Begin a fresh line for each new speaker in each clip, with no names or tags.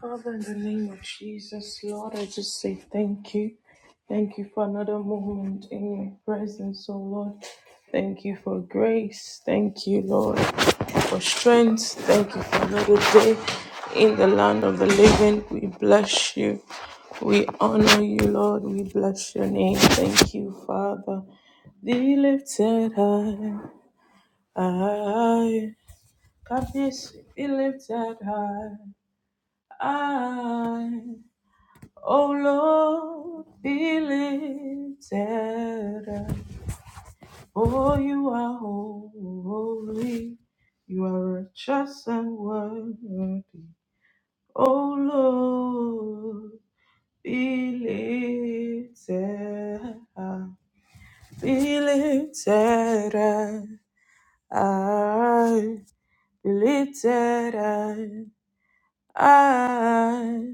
Father, in the name of Jesus, Lord, I just say thank you. Thank you for another moment in your presence, oh Lord. Thank you for grace. Thank you, Lord, for strength. Thank you for another day in the land of the living. We bless you. We honor you, Lord. We bless your name. Thank you, Father. Be lifted high. I, God, be lifted high. I. Oh Lord, be lifted up. For you are holy, you are righteous and worthy. Oh Lord, be lifted up. Be lifted up. I be lifted up. I,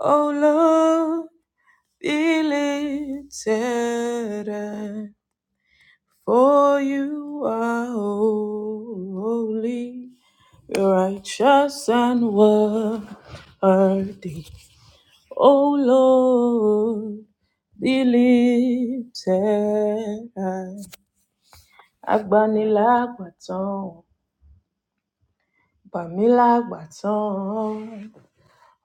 oh Lord. Deleted, for you are holy, righteous, and worthy. O Lord, deleted. Agbanilàgbàtàn, gbà mí lágbàtàn,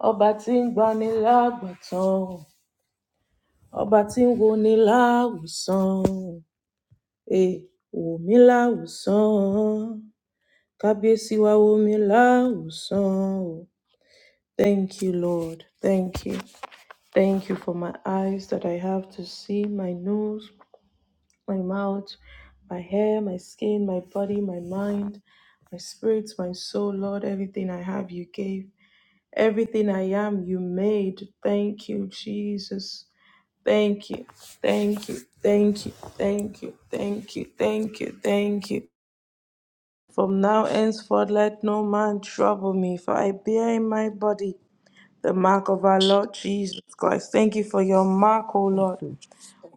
ọba tí ń gbani lágbàtàn, ọba tí ń woni láwùsàn. Eh, wò mí láwùsàn, kábíyèsí wa wò mí láwùsàn o. Thank you, Lord. Thank you. Thank you for my eyes that I have to see, my nose, my mouth, my hair, my skin, my body, my mind, my spirits, my soul, Lord. Everything I have, you gave. Everything I am, you made. Thank you, Jesus. Thank you. Thank you. Thank you. Thank you. Thank you. Thank you. Thank you. From now henceforth let no man trouble me, for I bear in my body the mark of our Lord Jesus Christ. Thank you for your mark, O
Thank
Lord,
you,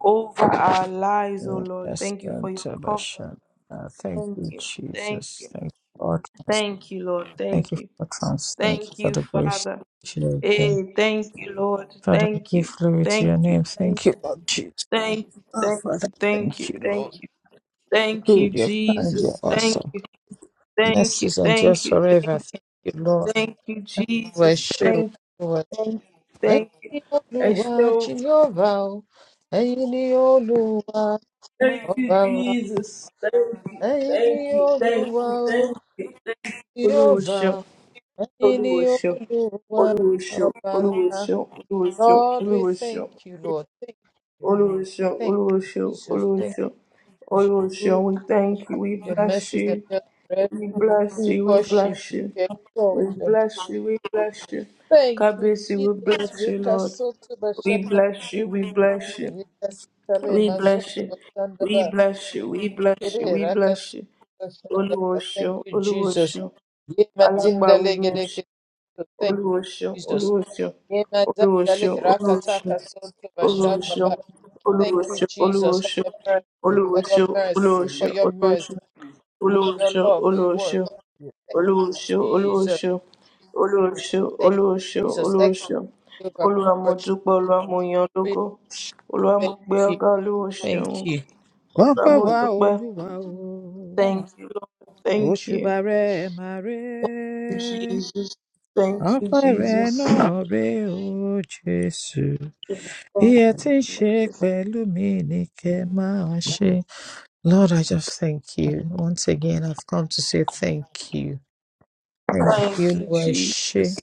over our lives, O
Jesus.
Lord.
Yes,
Thank you for
and
your covering.
Tabasha. Uh, Thank
Thank
you,
you. Thank
Jesus.
you.
Thank you for trans.
Thank you, Lord.
Thank
Thank
you
you.
for trans. Thank you
Thank
for
you,
the grace
Father.
that you have given.
Hey, thank you, Lord.
Father, we
Thank
give
you.
glory to
Thank
your
you.
name.
Thank
Thank you,
you.
Lord Jesus.
Thank you.
Oh,
Thank
Father,
you. Thank
thank
you.
you, Lord.
Thank you. Thank you,
Good, your kind, you're
Jesus. Thank
awesome.
you. Thank you.
Mercies and
Thank
just
you. Thank
forever. Thank you, Lord.
Thank you,
Why
Jesus.
show
Thank you,
Why?
thank you, thank
Ẹ̀yin
you.
ni
I
Olúwa
still
Jèhófà o, ẹ̀yin ni Olúwa
thank you,
ọba wa,
Jesus. Thank you,
ẹ̀yin ni
thank you, thank
Olúwa
you,
o.
thank you. Oluwaseun,
Jehovah, Ẹni
Oluwaseun,
Olúwa,
Oluwaseun,
Ọba ńlá.
Oluwaseun, Oluwaseun,
Lord, we
Oluwaseun,
thank you, Lord. Thank, thank
Oluwaseun,
you, Jesus. Thank
Oluwaseun, Oluwaseun,
you,
Oluwaseun.
Lord.
We thank you. We
Your
bless
mercies and
you.
your breath.
We bless
We
you, we
worship
bless
you.
you,
We
we
exalt your name.
bless you, we bless you.
Thank you,
Kabisi, we
Jesus.
bless you,
Rika
Lord.
soto
We
bashanda.
bless you, we bless you,
Rika sitale
we bless
mazondo
you,
bashanda
we
ba.
bless you, we bless you, we
raka
bless
soto
you.
bashanda Thank
Oluwosho,
you, Jesus.
Oluwosho,
Ye mazinda
Alagba we miosho,
legedeke. Thank
Oluwosho,
you, Jesus.
Oluwosho,
Inadadale rakataka
Oluwosho,
sote
Oluwosho,
bashadaba.
Oluwosho, Oluwosho,
Thank you,
Oluwosho,
Jesus,
Oluwosho, Oluwosho, Oluwosho.
for your mercy, for your mercy, for your mercy, for your
Olóòṣó,
love. We worship
olóòṣó,
you.
olóòṣó
Jesus,
olóòṣó olóòṣó
thank you,
olóòṣó
Jesus. Excellent
olóòṣó
Jehovah,
olúwa mo dúpẹ olúwa mo yan ọ́
we
lógo
worship you.
olúwa mo
Thank
gbé
you,
ọgá olúwo
thank
ṣeun
you. wọ́n
olúwa
pè
mo
wá
dúpẹ
olúwa o
thank you lord thank you
òṣùbà rẹ máa ré
jesus thank you
ọpẹ́ rẹ
jesus
náà ré o jésù
thank
bí ẹ ti ń
you
ṣe
jesus
pẹ̀lú mi ni kẹ́ máa ṣe Lord, I just thank you. Once again, I've come to say thank you. Thank
thank
you, Oluwa Eshe.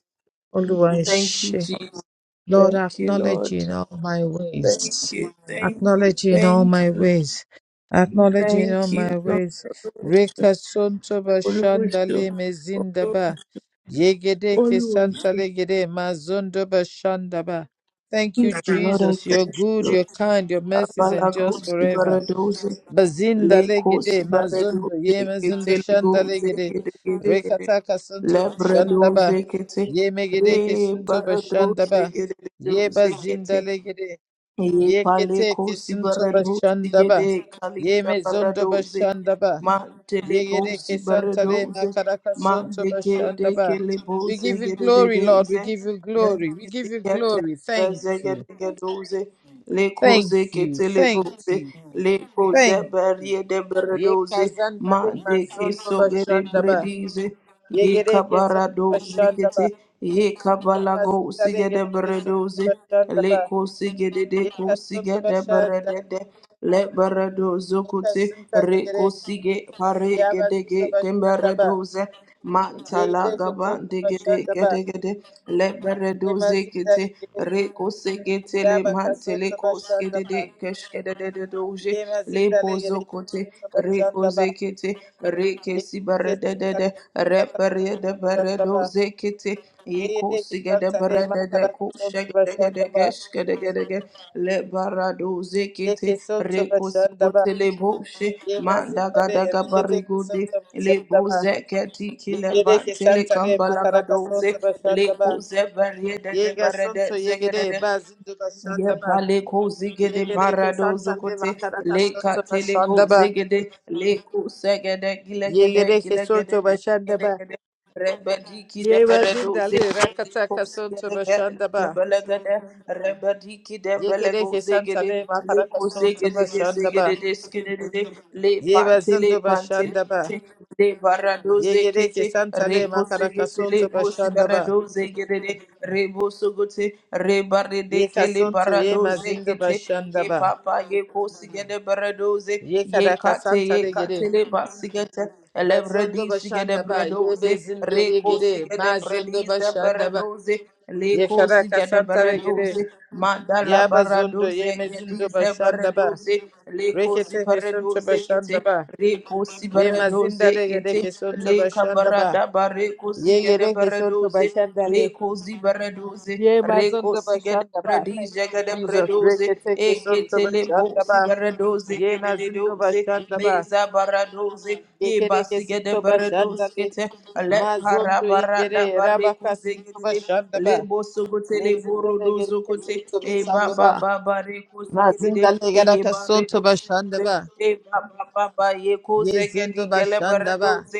Oluwa
you
Eshe.
jesus
Lord, I
thank you
acknowledge
lord
you in all my
thank
ways.
you thank you
Acknowledge you in all
thank
my
you Lord.
ways. Acknowledge you in all
thank you
my
lord
ways. Reka sontoba
olóòṣó
shandale mezindaba. Yegede ke
olóòṣó.
santale gede mazondoba shandaba. Thank
Praise
you,
the Lord, I
Jesus. You're
thank
good,
you.
you're kind, your mercies endures
Abalagosi
forever.
baradosi,
Bazinda
lekosi
legede mazundo ye
baradosi, kete
mazundo shanda
legosi,
legede
kete kete kete,
rekataka santo bashanda
lebradosi kete,
ye megede
re
ke santo bashanda
baradosi kete
ye
legosi
bazinda
kete,
legede
Ye
ye
pale
kete
ko
ke santo
sibarado
bashanda
sigede
ye
kalinga
mezundo
baradoze
bashanda
ma
ye
telebo
gede ke santa
sibaradoze
makaraka
ma
santo
deke
bashanda
deke lebo
we give you
zegede de
glory lord we
deze
give you
le
glory we give you
zikete
glory thank you
bezegede gedoze le ko
thank
zeke
you thank
teleboze
you
le ko
thank you
zeberie de
Ye
baradoze
kazanda
ma
le
deke
mazondo
sogede
bashanda ba.
bredize
Ye
Ye
gere ke sondo
Yekabarado
bashanda
zikete,
ba. Ye
yekabalago
mazinda le
sigede
gere ke sondo
beredoze,
bashanda ba.
leko sigede
Ye
deko
kasondo
sigede
bashanda.
beredede, le beredo
Ye
zokote,
kasinda le gere.
reko sige pare
Ye
gedege
mazondo bashanda ba.
temberedoze,
Ye
mantala
gere ke
gaba
son to
degede
bashanda ba.
gedegede, le beredo
Ye mazin
zekete,
le gere.
reko segete le
Ye ba kason
mantele
to
ko
bashanda
sigede de
ba.
keshkede de doje,
Ye
le
mazin
po
le gere ke son
zokote
to
reko
bashanda ba.
zekete reke
Ye ke son tale
sibaredede
gere ke sondo
reperede
bashanda ba.
beredo zekete
Ye
eko
gere ke
sigede
sondo le
berede de
makara
ko
kasondo
shegede de
bashanda
shegedegede
ba.
geshgedegedege le barado
Yeke
zekete
soto
reko
bashandaba.
sugote le boshe
Ye mazindale
mandagadaga
evezete
barigode
santa
le
bashandaba.
bozeketi
Ye
kile
gede ke
bantele
santa le makaraka
kambalagadose
soto
le
bashandaba.
koze berede de
Ye ga
berede
soto ye gede
zegedede
bazindu
Ye
bashandaba.
pale ko
Ye
zigede
gede ke
parado
santa le
zokote
makaraka
le
soto
katele go
bashandaba.
zigede le ko segede
Ye
gilegede
gede ke
gilegede
soto
begede
bashandaba.
gede rebedi kide
Ye
beredo ze
mazindale
le ko
rakataka soto
segede ge ke
bashandaba.
belegede rebedi kide
Ye gede
belego
ke santa
zigede
le
le
makaraka
ko
soto
segede ge
bashandaba.
zigede deskede de le
Ye
pantele
bazindu
pantele
bashandaba.
le baradoze
Yegereke
kete
santale
rekose gete le
makarakasunto
bosi
bashandaba.
baradoze gerede reboso gote rebarede kele
Yekasunto ye
baradoze
mazindo
kete ye
bashandaba.
papa ye kosi gede baradoze ye kate ye
Yekarakasantale
kate
gere.
le basi gete
Bazondo
Elebredisi gede
bashandaba. Ye
bredoze,
bezindo ye
rekosi
gere.
gede
Mazondo
bredize
bashandaba.
beredoze, lekosi gede
Yekarakasantale gere.
beredoze, madala
Ya bazondo ye
baradoze
mezindo
gedize
bashandaba.
beredoze, lekosi
Reketeke sunto
beredoze kete,
bashandaba.
rekosi
Ye
beredoze
mazindale
kete,
gereke sunto
leka
bashandaba.
barada barekosi
Ye
gede
sonto sunto
beredoze,
bashandale.
lekosi beredoze,
Ye mazunda
rekosi gede
bashanda ba. Thank
Bradija
you,
gada
Jesus.
bradoze,
Reketeke sunto
eketele
bashanda
bosi
ba.
baradoze
Ye
gede
mazindo
dedoze,
bashanda ba.
meza baradoze, e
Yekereke
basi gada
sunto
baradoze
bashanda le.
kete, le para
Mazondo
barada
yengere
bare
rabaka
kuze
sunto
gede de,
bashanda
le
ba.
boso kote le
Yezindo
borodozo
legereke
kote,
sunto
e
bashanda
baba
ba.
baba ba bare kuze gede
Mazinda
e ye
legeraka
bare
sunto bashanda ba.
Eba baba ba ye koze gedi
Yezindo
gele
bashanda ba.
beredoze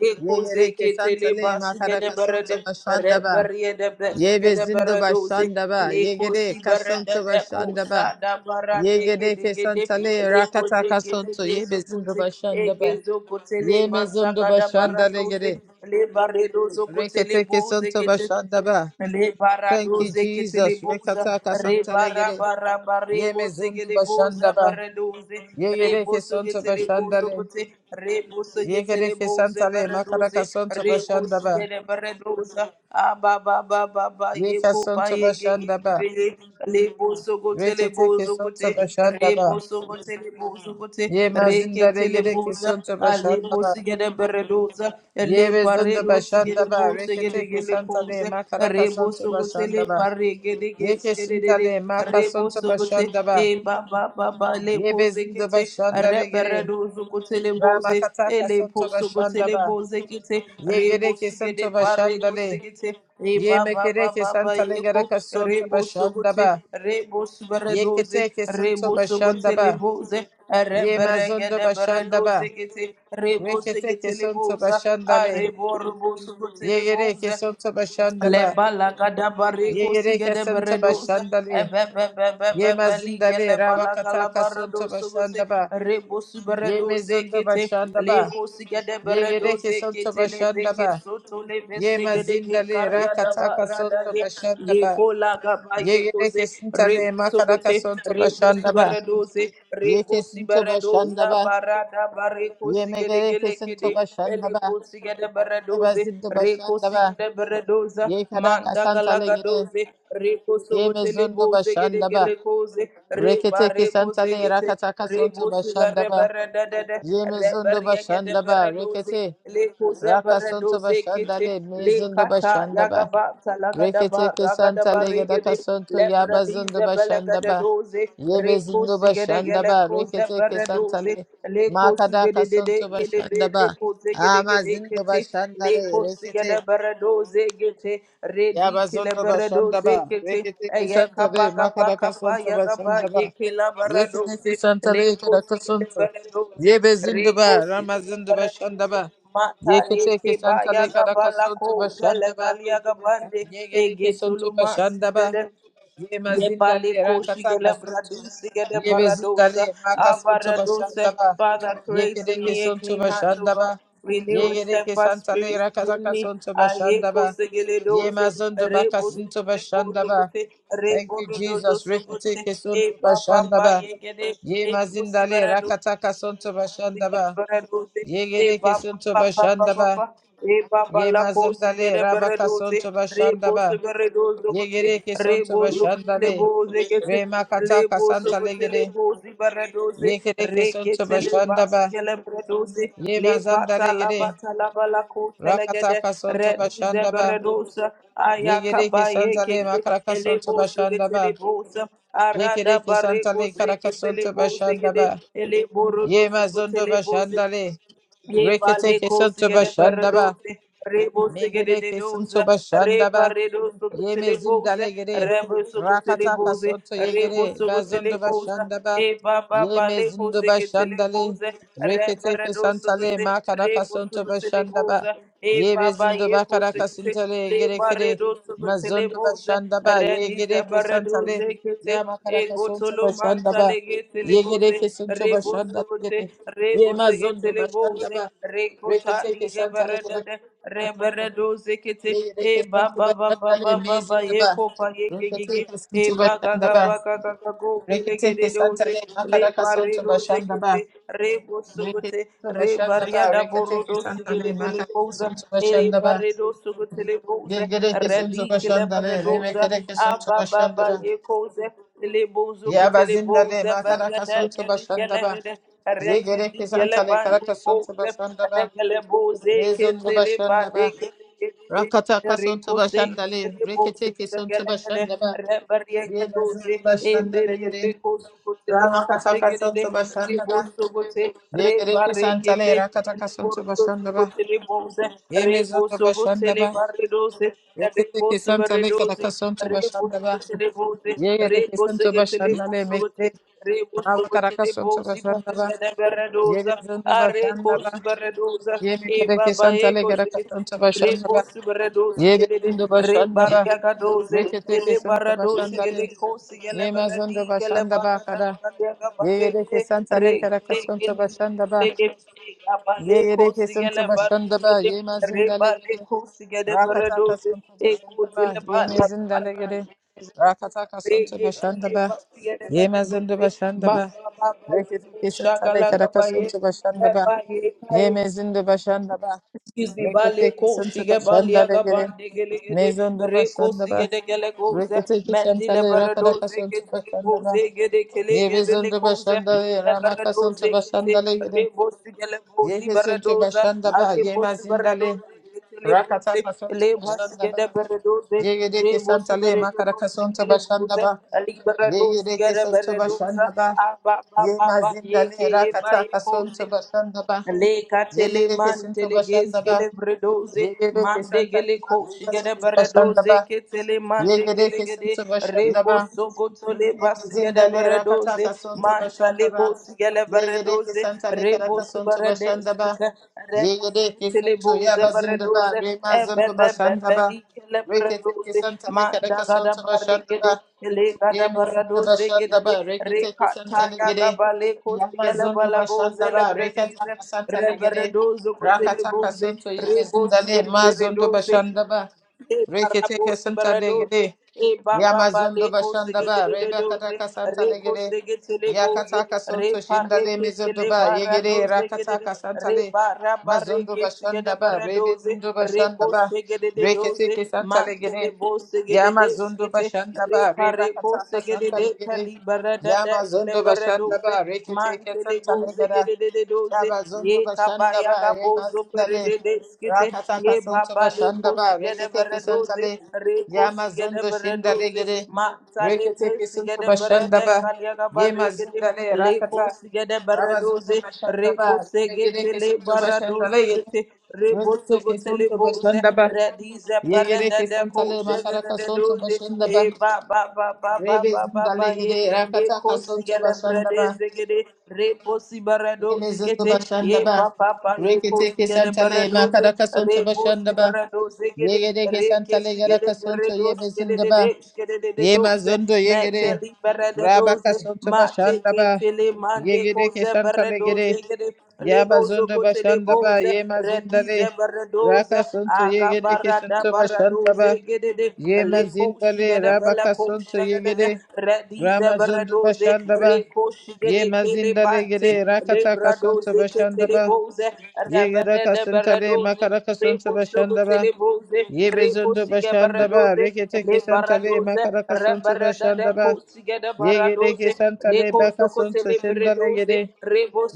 le koze
Yegereke
ketele
santa le
basi gede
makaraka
berede
sunto
re
bashanda ba.
berye de bes
Yebe
gede
zindo
beredoze
bashanda ba.
le
Yegere
kosi berede
kasunto
de
bashanda ba.
kosa da bara de gede
Yegedeke
gede
santale
le koze
rakataka
gele
sonto ye
gezo
bezindo
kote e
bashanda ba
gezo kote le
ye
masa
mezondo
gada
bashanda
baradoze
legede
le baredozo kote le
reketeke
boze
sonto
kete
bashanda ba.
le
Thank you
baradoze ketele
Jesus
boza
rekataka
re
santa
bara
legede
bara bare
ye
goze
mezondo
gede
bashanda
boza
ba
baradoze re
yegedeke
boso
sonto
getele
bashanda
bozo
le
kote re boso getele
yegedeke
boza
santa le
baradoze
makaraka sonto
re
bashanda
kosi
ba
gede baradoza aba ba ba ba ba ye
yeka
ko pa
sonto
ye ge ge
bashanda
ge be
ba
ye le boso gotele
reketeke
bozo kote
sonto bashanda
re
ba
boso gotele bozo kote
ye
re
mazinda
ketele
legedeke
boza
sonto
ale
bashanda ba
bosi gede baradoza le
Yebe zunda
paredo sigede
bashandaba,
bozo
reketeke santale,
sogote
makaraka
rebo
sonto
sogote le
bashandaba,
pare gede gede
yeke
gede
sintale, maka
rebo
sonto
sogote
bashandaba,
e ba ba ba ba le
yebe
koze
zunda
kete
bashandale
rebe
gere,
redo sogote le boze e
ramakataka
le
sonto
po le
bashandaba,
boze kete rebo
yegereke sonto
sugede pare go
bashandale,
segete e ba ba ba
yemekereke
ba ba
santale
yeko
garaka sonto
rebo sogote
bashandaba,
rebo subredoze
yeketeke sonto
rebo sogote le
bashandaba,
boze
yema zunda
Reberegede
bashandaba,
beredoze gete rebo
reketeke
segete le
sonto
boza a
bashandale,
rebo rebo sogote
yegereke sonto bashandaba,
Leba laga da
Ye
bariko suge
yereke
de
santa
beredoze.
bashandale.
Ebe be be be be
Ye
be lige
mazindale
leba laga
rabakata
la
kasonto
baredoze gote.
bashandaba.
Rebo su
Ye
beredoze
mezondo
kete.
bashandaba.
Lego suge de
Ye yereke
beredoze
santo
kete lebe ke
bashandaba.
soto lebe
Ye
suge de ke
mazindale
karia da
rakata
barada
kasonto
ye. Ye
bashandaba.
ko laga ba
Ye
ye
yereke
koze. Rebo
sintale
su
makaraka
gote.
sonto
Rebo su
bashandaba.
beredoze.
Ye
Rebo su
kesinto
beredoza
bashandaba.
barada bariko
Ye
suge de
megereke
gele
santo
kede.
bashandaba.
Elikosi gede
Ye
beredoze,
bazindo
rekosi
bashandaba.
gede beredoza,
Ye karaka santale
mandagalaga
gede.
doze, rekoso
Ye
gotele
mezondo
boze gede
bashandaba.
gele koze, reba
Rekete
rekoze
kesantale
gete,
rakataka sonto
rebosi gare
bashandaba.
beredede,
Ye mezundo
reberia gede
bashandaba. Rekete
Elikosiga de Baradoze, Rekosiga de Baradoza, Mandagalagadose, Rekosogotelebose, Gedegelecose, Rebarecosegete, Rebosiga Reberedede, Reberiaga de Baradoze, Lekose
rakasonto
Baradoze Kete,
bashandale mezundo
Lekata,
bashandaba.
Yagabata,
Rekete
Lagadaba, Ragadaba
kesantale gadaka
Regede,
sonto yabazundo
Lebradize
bashandaba.
Belagadadoze,
Ye bezundo
gede de
bashandaba.
Gelecoze,
Rekete kesantale
Baradoze, Le
makadaka
kosigedede
sonto
kedebe
bashandaba.
le
Ama
kosigedegede
zindo
kete le
bashandale. Rekete
kosigede berado zegete redi kile
Yabazondo
berado
Bashandaba,
zekete
Rekitiki
eye kaba
Santale,
kaba
Makaraka
kaba
Santa
ya kaba ye
Bashandaba,
kila berado
Yekiniki
ze le
Santale,
kosigede
Karakasunto,
berado ze re
Yebezindaba,
kosigede
Ramazinda
berado ze
Bashandaba,
mata eke
Yekitiki
ba ya
Santale,
kaba la ko
Karakasunto
zele
Bashandaba,
galia kabande ege
Yegeriki Sunto
tuluma
Bashandaba,
sigedede
Ye mazindale
Yebale koshi gele
rakataka sonto.
bradusi gele
Ye
baradosa
bezindale makasonto
avaradosa.
bashandaba.
Father,
Ye
create in
kereke
me a
sonto
clean heart, O God.
bashandaba. Ye
Renew a
gereke
steadfast
santale
spirit within
rakataka
me.
sonto
Aye
bashandaba.
kose gele
Ye
doze
mazondo
rebo so
bakasinto
gele bozo
bashandaba.
gote
Thank
rebo
you,
dozo
Jesus.
so gote.
Rekateke
E
sonto
papa pa pa pa
bashandaba.
ye gele
Ye
e kosi
mazindale
barado.
rakataka sonto bashandaba.
Sigerebereduzi,
Ye
e
gereke
baba
sonto
baba baba
bashandaba.
ba, e baba
Ye
la kosi
mazindale rabaka
gerebereduzi,
sonto
rebo
bashandaba.
sigereduzi
Ye
kuti,
gereke sonto
rebo zukuti
bashandale.
lebozi kete,
Rema kataka
lebo
santa
sukuti
legere.
lebozi bereduzi,
Yekereke sonto
rekete leba
bashanda ba.
sigerebereduzi, le
Yema zanda
pata la
legere.
bata la bala kosi legede,
Rakataka sonto
redize
bashanda ba.
bereduzi, ayaka ba
Yegereke santa
yeke
le makaraka sonto
Elebose
bashanda ba.
getelebose arada
Yekereke santa
bareko
le karaka sonto
seketelebose
bashanda
gede
ba.
eleborodo
ye zondo
sokotelebose
bashanda le.
ye
Reketeke
baleko
sonto
sigede
bashanda ba.
beredose rebose gede
Megereke
dedose
sonto bashanda ba.
rebaredo
Yeme
sokotelebose
zindalegere.
rebo
Rakata
sokotelebose
kasoto
rebo
yegere. Bazondo
sokotelebose
bashandaba.
e baba
Yeme
baleko
zindo bashandale.
seketelebose
Rekete
reberedo
kesantale.
sokote
Makaraka
rebo
sonto bashandaba.
sokotelebose e
Yebe
baba
zindo
yeko
bakaraka
sekete
sintale
Le
yegere kere.
barredo sotele
Mazondo
boze,
bashandaba.
redize
Yegere
barredo
kesantale.
zekete,
Ya
e
makaraka sonto
gotolo manta
bashandaba.
legete le
Yegere
boze,
kesonto
rebo
bashandale.
sokote,
gere. Ye
rebo zegete
mazondo
le boze,
bashandaba.
rekota
Rekete
lige
kesantale.
barredede, reberedo kete e
Rekete
ba
santu
ba ba ba
bashandale
ba ba ba
mezinde
ye
ba.
kofa ye gege
Rekete
e
santu
baga
bashanda
ga
ba.
baga ga ga go bele gede
Rekete
doze
santale
le
makaraka
bare
santu
doze
bashanda
kete
ba.
re go
Rekete
sugote
santu
re
bashanda
baria
ba.
da boro
Rekete
doze gede
santale
gele
makaraka
koza
santu
e re
bashanda ba.
bare doze gote le boze
Gegere
re
santu
di kele bare
bashandale
doze
remekere santu
aba
bashanda
baba
ba.
ye koze le bozo
Ya
kote le
bazindale
boze baria
makaraka
da
santu
kele
bashanda
gele
ba.
gede regi di
Yegere
gele
santale
bande
karaka santu
boze
bashanda
le
ba.
gele boze
Mezundu
kete le
bashanda
bade
ba.
kele gede
Rakataka santu
Rekose Rebosso
bashandale. Rekete santu bashanda ba. Ye Yemazundo bashanda legere. Rama kataka santo bashanda ba. Ye reki Yegere kisantale rakataka santo bashanda ba. Yemezundo bashanda ba. Rekete ke Yekete kisantale kataka santo bashanda ba. Ye Yegere kisanto bashanda le mekere. Rama karaka santo bashanda ba. Yemezundo bashanda ba. Ye mekre ke Yemekere kisantale karaka santo bashanda ba.
Reposu beredosu gedede
Yemezundo
re
bashanda ba.
barya gadoze
Rekete
ele
kisanto
baradosu
bashanda
gede
le.
kosi gele beredi
Yemazundo
gele
bashanda ba
barada
kada.
barya
Ye
gabade gede
yedeke santa
re
le karaka
gele
sonta
gele
bashanda ba.
gele gele abale
Ye yedeke
kosi
sonta
gele
bashanda ba.
barede
Ye
re
mazinda le
bale
gede.
kosi gede
Rakataka
beredoze
sonta
e
bashanda
kosi
ba.
le
Ye
bala
nezinda le gede. Rakataka
re
sonta
gete
bashanda
le
ba.
basi gede
Ye mazinda
beredoze
bashanda
ma
ba.
ma ma ma ye
Reketeke santa le
shakala
karaka sonta bashanda ba. Ye
gabaye
mezinda bashanda ba.
Excuse me, bale
Reketeke
ko
sonta
shige bale
bashanda le
aga
gede.
bande gele gede
Mezonda
re ko
bashanda
shige
ba.
de gele ko ze
Reketeke
mendi
santa
le
le
barado
rakadaka
ze ke
sonta
tele ko
bashanda
ze
ba.
gede kele
Ye
gebele
bezonda
ko ze
bashanda le
le
ramaka
barado
sonta bashanda le gede.
re bo le ko
Ye
zi
kesente bashanda ba
re
ye
bo shi barado
mazindale
ze
rakata kasonto
le ba
bashanda
shige de
ba ye yede
re bo shi
kesantale
barado
makara
ze
kasonto
kele ko
bashanda
ze
ba
ali
ye
barado
yede kesonto bashanda ba
ba ba
ye
ba ba ye
mazindale
ke ye ba
rakata
ye
kasonto bashanda ba
Le
ye
katele
yede kesonto
mantele
bashanda
gezgele
ba
bredoze
ye yede
mande
kesantale
gele
makara
koshi gele
kasonto bashanda
bredoze
ba
ketele
ye
mande
yede
kele gede
kesonto bashanda
rebo
ba
sogo tole
ye
bas gele
rakata
bredoze
kasonto
mantale
bashanda ba
bos gele
ye yede
bredoze
kesantale
rebo
karaka sonto
subarede
bashanda ba
skete
Yegedeke Santo
Telebose
Yaba Zindaba,
Beredoze,
Rema Zindaba Shandaba,
Ebebebebeli
Reketeke
Kelebredoze,
Santa Lekadeka
Mandagada
Santaba
Barricade,
Shandaba,
Elegada
Yemi Zindaba
Baradoze Gede,
Shandaba, Reketeke Santa
Recata
Legede,
Yagabale
Yama
Cosigele
Zindaba
Balagoze
Shandaba,
Lebredize,
Reketaka Santa Legede,
Reberedozo
Rakataka
Telebose,
Santo Yebe
Rebos
Zindale, Ma Zindaba
Gede
Shandaba,
e
Reketeke
barabosi
Santa
baradoze
gede.
e baba
Yamazondo
baleko
bashanda ba reba
segededoze
kataka Santa
reko
Legere,
segeteleboze
Yakataka
re
Sonto Shindale
pareke
mizondo
tele
ba Yegere,
baradoze gedede
Rakataka santa
re
Santale, Mazondo
barabareke segede
Bashandaba,
baradoze
Rebezindo
reko
Bashandaba,
segededoze
Reketeke Santa
mantele
Legere,
bose gedede
Yamazondo
skete
bashanda
re
ba reba
pareko
kataka Santa
segedede
Legere,
kali baradada kile
Yamazondo
baradoze
Bashandaba, Reketeke
Mantele
Santa
boze
Legere,
gedede de de doze ye
Yabazondo bashanda
kabaya
ba
gabozo perede
remazindale
deskete ye
rakataka sonto
baba le
bashanda
kosi
ba
gede
rekete
bere doze
kesantale
re kosi gede
yamazondo
bere
shindale
doze
gere
mantale
rekete
kosi
kesonto
gede bere
bashanda
de
ba
kalya gabare gede
yemazindale
le
rakata
kosi gede bere
rabazondo
doze
bashanda
re
ba
kosi
remegere
gete le
kesonto
bara
bashanda le
doze
gere
gete
rekete
Reboso gotele
kesonto
boze,
bashanda ba
redize
yegere
parada de
kesantale
koje
makaraka
de
sonto
doze,
bashanda ba
e ba ba ba ba ba
rebe
ba ba
zindale
ba ye,
gere
ye
rakata
kosi
kasonto
gele
bashanda ba.
bredeze gede, reposi barado
Yemezungu
skete, ye pa
başandaba.
pa pa ye kosi
Reketeke
gele
santale
baradoze,
makaraka sonto
rebosi
başandaba.
barado segede,
Yegedeke
re
santale
kesi gele
yaraka sonto
baradoze gede de de
yemezindaba.
doze,
Yemazundu yegere.
meteli berede
Rabaka
doze,
sonto
mate
başandaba.
ketele mande
Yegedeke
koze
santale gere.
beredoze gede, legozo
Yabazundu
kotele
başandaba.
boze, redize
Yemazindale.
beredoze,
Raka sonto
aga
santo
barada
sonto başandaba.
baradoze gede de, leko
Yemazindale.
shigede bele
Rabaka
ko
sonto
shigede de,
yegere.
redize
Ramazundu
beredoze,
başandaba.
reko shigede kele
Yemazindale
bante,
gere. Rakataka sonto
lebradoze ketele
başandaba.
boze,
Yegara
reberede
kasantale Yegerakasantale
beredoze,
makarakasanto bashandaba.
Rebosogoteleboze,
Yebezondo bashandaba.
Rekosigebaradoze,
Reketeke santale
Lebaradoze,
makarakasanto
Rebarada
bashandaba. Yegereke
Kosigedabaradoze,
santale bakasanto shandale
Lekozokotelebredoze,
gede.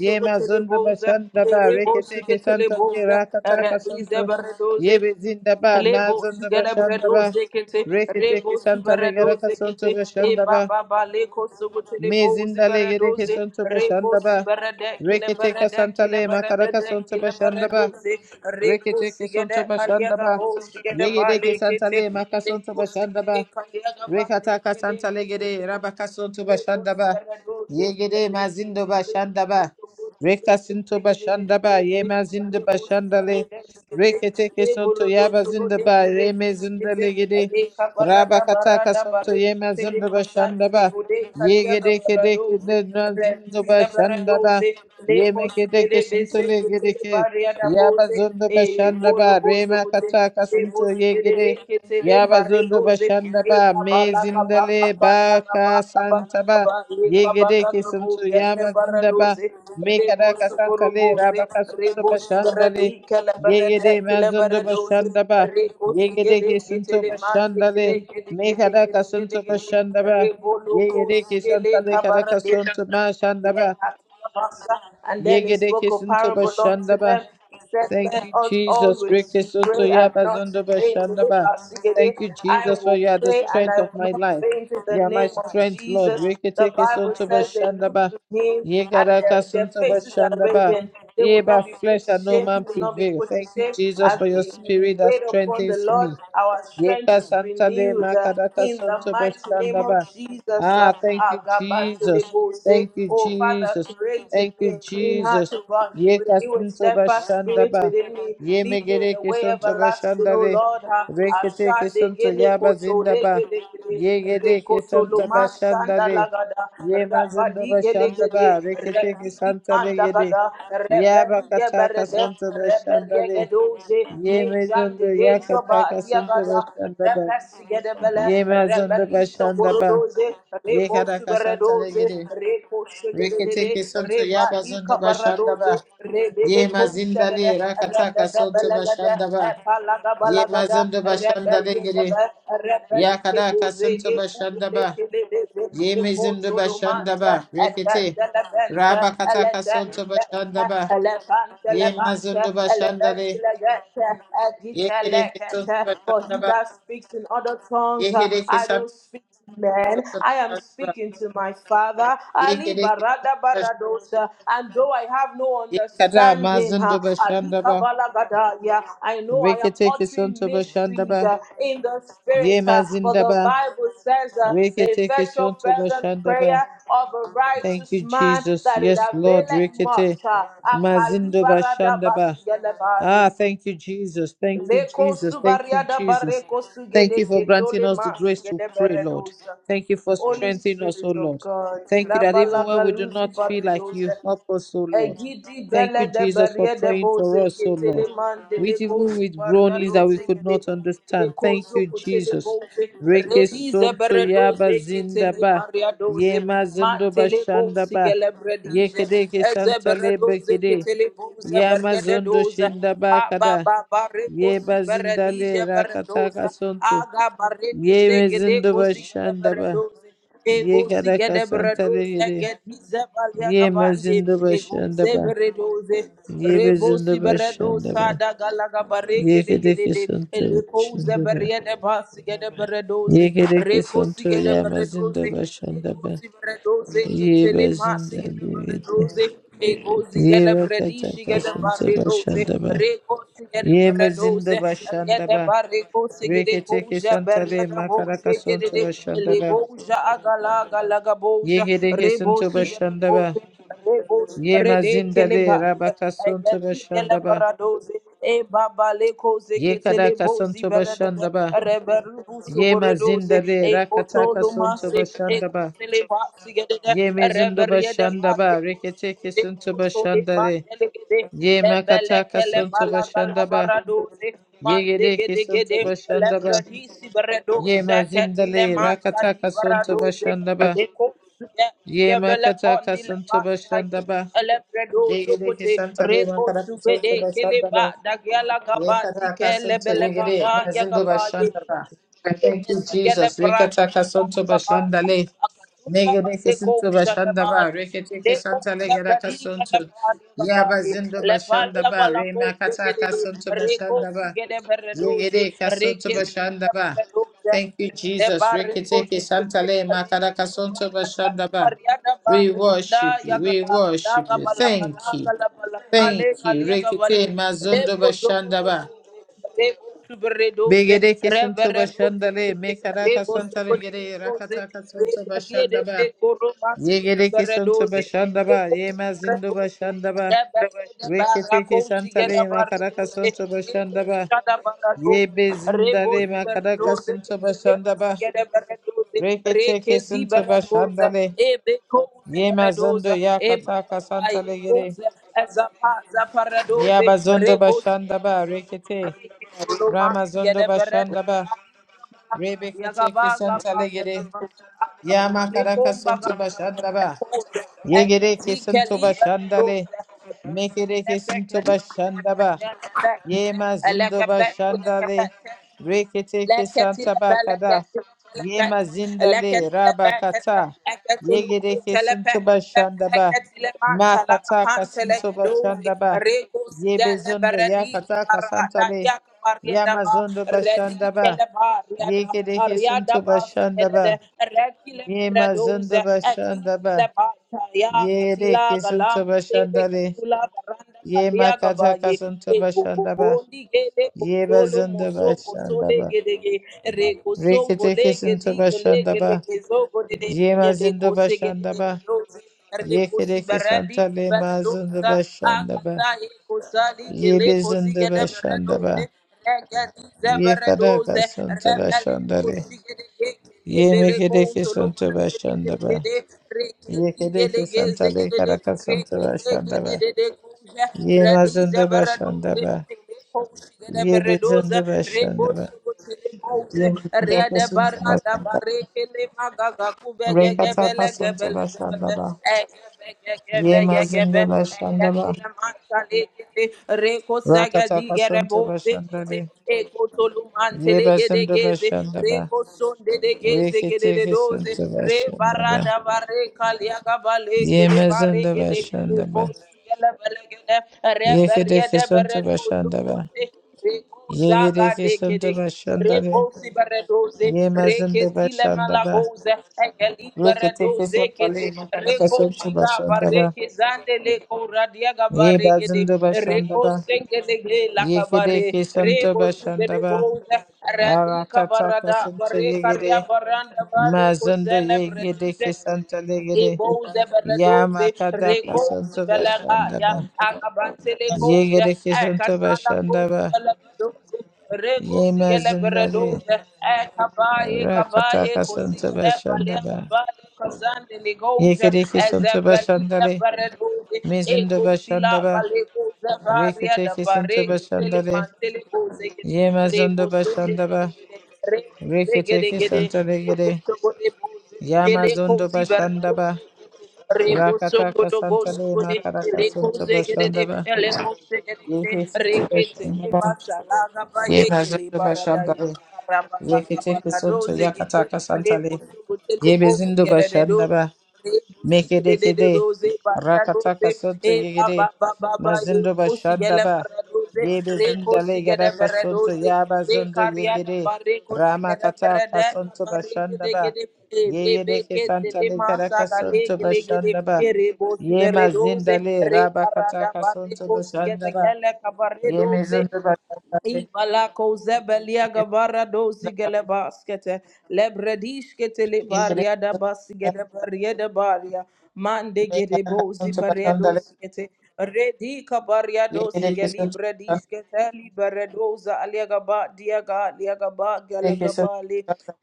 Yemazondo bashandaba. Reketeke santale
Rebosugeteleboze,
rakatakasanto.
Radizebaradoze,
Yebezindaba
Lebo
mazondo
sugarabredo
bashandaba.
zekete,
Reketeke
rebo
santale
subarado
garakasanto
zekete, e
bashandaba.
baba ba leko sogote lebo
Mezindale gereke
zibaradoze,
santo
rebo
bashandaba.
subarade
Reketeke
kilebarade
santale
kilebarade
makarakasanto bashandaba.
kilebaradoze, reko
Rekete ke
sigede
sonto bashanda
kaliaga
ba.
bo sigede
Yege
ba
deke
lekete,
santale maka sonto
leko
bashanda ba.
sigede kaliaga ba
Rekataka
leke
Santa
lekete,
Legede, Rabakasunto
lebo
Bashandaba,
subarado
Yegede Mazindo
zekete,
Bashandaba, Rekasinto
Thank
Bashandaba, Yemazindo Bashandale, Reketeke Santo Yabazindaba, Remezinda Legede, Rabakataka Santo Yemazindo Bashandaba, Yegede Kedeke Nazindo Bashandaba, Yemekedeke Santo Legedeke, Yabazundo Bashandaba, Remakataka Santo Yegede, Yabazundo bashanda ba mezindale ba ka
you.
santa ba
Rebus
yegede ke santu yamazinda ba mekada ka santa le raba ka sunto bashanda le yegede mazundo bashanda ba yegede ke santu bashanda le mekada ka sunto bashanda ba yegede ke santa le kada ka sunto ma shanda ba
and then he
yegede
spoke
ke
a
santu
parable
bashanda
unto
ba
them. He said,
Thank
Men
you,
ought
Jesus.
always to pray and
Rekesotoya
not to
bazondo
faint.
bashandaba.
Elebasigede.
Thank you,
I
Jesus, for
will
you are the
pray and
strength
I
of
will
my
not
life.
faint in the
You are my
name of
strength, Lord.
Jesus. The
Reketeke
Bible
sonto
says they look
bashandaba.
to him and
Yegaraka
their, their
sonto
faces are
bashandaba.
radiant. They
Ye
will
by
not be put
flesh
to
and no
shame. He
man
will not be
prevail.
put to
Thank you,
shame.
Jesus,
As
for your
we, we
spirit that
wait upon the
strengthens
Lord,
me.
our strength
Yeka
is
santale
renewed uh,
makaraka
in the
santo
mighty name of
bashandaba.
Jesus.
Ah, thank
Uh,
you, Jesus. Thank you,
Oh, Father,
Jesus.
create in
Thank you,
me a clean heart,
Jesus.
O God.
Yeka
Renew a
santo
steadfast spirit
bashandaba.
within me.
Ye
Lead me in the
megereke
way
santo
everlasting, O
bashandare.
Lord. Ha-
Reketeke
Ashade
santo
gele
yaba
koto
zindaba.
lege de gede.
Ye gereke
Rekoto
santa
shanda
bashandare.
lagada.
Ye mazindo
Rapadi gele
bashandaba. Reketeke
Repidi
santa
manda
legede. Yaba
Rebeli
kataka
geberede.
santo
Rebeli
bashandare.
gedoze.
Ye mezondo
Mejande
ya
gejoba
kataka santo
diagada.
bashanda ba.
Repesi
Ye
gedebele
mazondo
rebeliso
bashanda ba.
borodoze
Ye
rebo
karaka santa
suberedoze
regede.
reko shegedede
Reketeke santo ya bazondo
rebalika
bashanda
baradoze
ba.
rebele
Ye
koshagede
mazindale rakataka
redada
santo
belagada
bashanda ba.
epalaga
Ye
balagada
mazondo bashanda
rebelye
regede.
gebe
Ya
rebelike
karaka santo
bozege
bashanda ba.
udedekedede
Ye
reko
mezondo bashanda
cholomanta
ba. Rekete.
edadada bente
Raba kataka santo
eletente
bashanda ba.
elefante
Ye
levante
mazondo bashanda
elebente
le.
legete
Ye
agite
kereke santo
lekete for he
bashanda
that speaks in other tongues, uh, I
ba.
don't speak to men. I am speaking to my Father. Ali barada baradosa. And though I have no
Ye kada
understanding,
mazindo
uh, Ali
bashandaba,
kabala gadaya, I know I am
reketeke
uttering
sonto bashandaba,
mysteries uh, in the
ye
spirit. uh, For the
mazindaba,
Bible says uh, the
reketeke
effectual
sonto
fervent
bashandaba,
prayer of a
Thank
righteous
you,
man
Jesus.
that it
Yes, Lord.
availeth much.
Rikete
uh, Akali
mazindo
barada
bashandaba.
bashigele
Ah,
bari.
thank you, Jesus. Thank you,
Leko
Jesus. Thank you,
subariada
Jesus.
bareko
Thank
sugede
you for granting
ketole
us
ma
the grace to
sigede
pray, Lord.
beredosa.
Thank you for
Holy
strengthening us, O
Spirit of
Lord.
God,
Thank you that
ilabala
even when we do
galuzi
not feel like
baredosa.
you, help us, O Lord.
Egidi
Thank
bele
you,
de
Jesus, for
berie de
praying
boze
for us, O
ketele
Lord.
man de le
With even
bozi
with
paria
groanings that we
doze
could
kete
not understand. Thank
rekozo
you,
kotele
Jesus.
boze
Reke
redi
sonto
zebere
yaba
doze ketele
zindaba.
paria doze
Ye
man
mazundo
tele bozi
bashandaba.
gele
Ye
bredije
kede ke
ezebere
santale
doze
bekede.
ketele boze
Ya
berie de
mazundo
doze
shindaba
ba ba
kada.
ba ba
Ye
rekosi beredije
bazindale
beredoze
rakataka sonto.
aga bareko
Ye
segede
mazundo
kozi gele
bashandaba.
beredoze Ego
Ye kada
sigede
kasantale
bredoze
yede.
gedize balia
Ye
kabande
mazundo
eguze
bashandaba.
bredoze
Ye
rebo
mazundo
siberedo
bashandaba.
sada galaga bare
Ye
gede
kede
gede
ke
de
sonto
eleko uze
bashandaba.
beriede bas gede bredoze
Ye kede ke
reko
sonto
sigede
ya mazundo
bredoze
bashandaba.
doze
Ye
Kitele, Masi,
bazindale yede.
doze Lekozivaredoze ketelemasikenevaredoze, ekozikelebredisikelevaredoze,
Yevakatakasantavashandaba.
rekosikelevaredoze,
Yemezindabashandaba.
riedebarekosikelekoja,
Reketekesantale
beriedebozekedede,
makarakasuntavashandaba.
legoja agalagalaga boja,
Yegerekesantavashandaba.
rebosikelekoja, Rebos Rede Keleba,
Yemazindale
Egadi
rabakasuntavashandaba.
Elebarados, E Baba Leko Zeketele Bozi Berede,
Yekarakasuntavashandaba.
Reberu Suboredos,
Yemazindale
E Otolumase, E
rakatakasuntavashandaba.
Kotele Basi Gedede, Reberiede
Yemezindabashandaba.
Basi le le
Reketekesantavashandale.
mandele gede le bele kele bala bala
Yemakatakasuntavashandaba.
baradoze mande gede de, le
Yegerekesantavashandaba.
bredi si bredo
Yema
seketi le
zindale
mantali
rakataka sonto
baradoze
bashandaba.
de ko le kote
Yema
gebele
kataka
kondi le
sonto
bantai
bashandaba.
ele bredo
Yegere
zokote
kesantale
reko
makaraka
subede
sonto
kele ba
bashandaba.
dagela gabati
Yekataka
kele
sonto
bele
yegere
gada ya
mazindo
gabade
bashandaba. Thank you,
Mesigele
Jesus. Rekataka
pranisha la
sonto
kabaya.
bashandale.
Akatula
Negere
balego
kesinto bashandaba.
ushadamani.
Rekete
Leko
kesantale geraka
uzapaliga la
sonto.
pali
Yaba
kabaya.
zindo
Le pali la
bashandaba.
balako
Rema kataka
zegedede.
sonto
Reko
bashandaba.
sigede beredoze.
Yegere kasonto
Reke sigede
bashanda ba.
beredoze.
Thank you,
Rede
Jesus.
bareko
Reketeke santale makara
zegede.
kasonto bashanda ba.
Ariada
We
barada
worship you. We
yagala gala
worship you.
gabala gala
Thank you.
gala gala ale
Thank you.
kalia gabale
Rekete mazondo
lebo doko
bashanda ba.
lebo subere doze
Begere kesonto
rebere
bashanda le
doze
mekara kasanta gere
doze
rakata kasonto
rebere de
bashanda
be
ba.
koro masi
Yegere
bere
kesonto
doze
bashanda ba.
lebo
Ye
subere
mazindo
Rebosa,
bashanda ba. Reketeke kesanta makara kasonto bashanda ba. Ye bezindale makaraka sunto bashandaba. Rekete kesunto bashandale. Ye mazondo ya kataka santale gere. Ya bazondo bashandaba rekete. Ramazondo bashandaba. Rebekete
Yagaba gaba
kesantale gere.
yagaba
Ya
agaba
makaraka
lekomba
sunto
gaba
bashandaba.
lekomba
Ye gere kesunto
ekzikeli
bashandale.
lekomba
Mekere kesunto
lepekete
bashandaba.
lepekete
Ye
lepekete
mazindo
lekepete
bashandale,
Rekile Barada,
reketeke
Yakatila
santa bakada, ye
Galamba,
mazindale rabakata, yegedeke sunto bashandaba, makataka sunto bashandaba, ye bezundo yakataka santale, ya mazondo bashandaba, yegedeke sunto bashandaba, ye mazondo bashandaba, yegedeke sunto
Tele
bashandale,
Katula Baranda
ye
kalia gaba ye,
makataka
paliagabaye
sunto bashandaba.
egogogondi gede
Ye Ye
kotolo mozo kotole
ba
gedege rekosongo
Reketeke
lege
santo bashanda
digelege
ba
legezogo dede
Ye mazindo bashanda ba.
elekosegedeledozi
Ye Rekiteke Santa Bashandaba. Yemazinda Bashandaba. Yekereke
rekosibaradi
Santa Lemazinda
baradosa
Bashandaba.
agata ekosali
Yebezinda
kelekozigede baradoze
Bashandaba.
regedize
Yekaraka
baradoze regedi zeberedoze
Santa
rebele
Bashandale.
koshigedege kelebele
Yemekereke
kontolo
Santa Bashandaba.
Rekosega
Yekereke Santa Lekaraka Santa Bashandaba. Yemazinda Bashandaba. Yebezinda Bashandaba. Yemazinda Santa Bashandaba. Rekataka Santa ba. Ye mazindo bashandaba.
di
Rakataka santo
gerebo
bashandale.
Eko
Ye
tolumantele gede
bazindo
geze.
bashandaba.
Reko sonde de geze gede de
Reketeke
doze.
santo
Re
bashandaba.
barada bare
Ye
kele bare
mazindo
gede. Eko
bashandaba.
siyele bele Re
Ye
berye
kedeke
de
santo
dozo
bashandaba.
Reko
Ye
zaga
gedeke
de
santo
kede.
bashandale.
Reposi Beredoze,
Ye mazindo
Reketile
bashandaba.
Malagoze, Ekeli
Reketeke
Beredoze
santo
Kete,
le makaraka
Reko
santo
Shiga
bashandaba.
Bareke Zande Leko Radiaga
Ye
Baregede,
bazindo
Reko
bashandaba.
Sengede
Ye
Lakabare,
kedeke santo
Rebo Sigede
bashandaba.
Boze, Radika
Arakataka
Barada,
santo yegede.
Barekaria Baranda Bareko
Mazondo yegede
Celebrate.
kesanta legede
Ebouze
yama
beredoze,
kada
rekouze
kasanto
belegaya,
bashandaba
akabantele kouze,
yegede kesanto
ekatala kouze
bashandaba
belegedoze, Reko
yema
sigele
zindale
beredose, e kabaye
rakata
kabaye
kasanto
kosigele bale
bashandaba
kabaye kazande ligoje,
yegede
e
kesanto
zepeline
bashandale
beredose, e
mezindo
kotila
bashandaba
bale koze varia
rekete
da
kesanto
bare kitele
bashandale
mantele koze gede,
yema
rebo
zondo
sonde
bashandaba
gede gede, rebo
rekete
segede gede,
kesanta legede
rebo segede boze,
yama
ele
zondo
kozi
bashandaba rakata
Rebosongo do
kasantale
bosco de
makara
Eleco
kasanto
zegede de
bashandaba
Eleco zegede de Rekete
Yebezindo
Lebasa Laga Bayeke Libaradaya
Bashandaba,
Rabaka
Zeketeke
Barado
Sonto
zegede
Yakataka Santale,
Rebosongo telebo
Yebezindo
zegede do
Bashandaba, Mekedekede,
Rebusigedededose,
Rakataka
baradose,
Sonto
eh, ba-
Yegede,
ba- ba- ba- ba, eh,
Mazindo
kosigele
Bashandaba,
baradose,
Yebezindale
rekosigede
Gadaka Sonto
baradose,
Yabazondo
Rekariada
Yegede,
bareko sigada
Ramakataka
berede
Sonto
bareke
Bashandaba,
degede e bebe
Yegedeke
ke
Santale
telema
Gadaka
saga
Sonto
lege lege de
Bashandaba,
pere bos beredoze
Yemazindale
re barada
Rabakataka Sonto
bareko sigada
Bashandaba,
gele kabaredoze
Yemezindo Bashandaba,
Ibalako zebelia
Thank
gabara dosi gele baskete lebredish kete le baria da basi gele baria da baria mande gede bozi paria dosi kete redi kabaria dosi geli bredish kete li beredoza alia gaba dia ga alia gaba gala gaba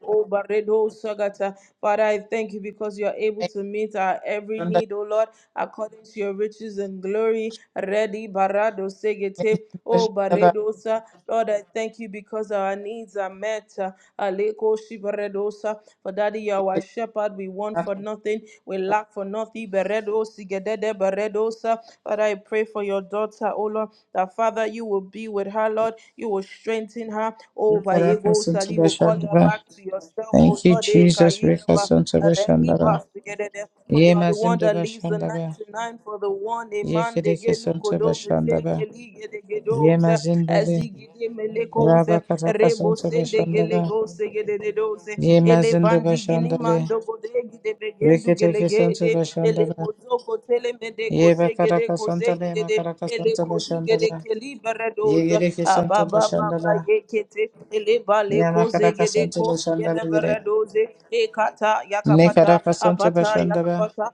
Oh, Baredo Shagata. Father, I thank you because you are able to meet our every need, oh Lord, according to your riches and glory. Ready, Barado Segete. Oh, Baredosa. Lord, I thank you because our needs are met. Aleko Shibaredosa. For Daddy, you are our shepherd. We want for nothing. We lack for nothing. Beredo Sigedede Baredosa. Father, I pray for your daughter, oh Lord, that Father, you will be with her, Lord. You will strengthen her. Oh, Bayego host, and you will call her back to yourself, O
you,
Lord. Eh,
Jesus.
Kayigaba,
Rekasunto Bashandaba.
Rediba, Sigedede. For you
Ye
are the one
Mazindo
that leaves the
Bashandaba.
99 for the one.
Ye
Amen. De gelu
Kedekisunto
kodo meze
Bashandaba.
geli gede
Ye
gedoze.
Mazindale.
Ezigide melekoze. Rebo
Rabakatakasunto
sende
Bashandaba.
gelego segedede doze.
Ye
Ele
Mazindo
bandi gini
Bashandale.
mando gode gide begendu
Reketekisunto
gelegede. Ele
Bashandaba.
bozo kotele mede
Ye
koze gede
bakaraka
koze
santale
gede.
makaraka
Ele
santale
kozu gede
shandala.
keli
Ye
beredoze.
gire ki
Ababa
santale
baba
shandala.
yekete eleba
Ye
le koze
makaraka
gede
santale
kosi
shandala
gele
gire.
beredoze ekata
Ne
yakapata
karaka santale
apata
shandala.
yakapata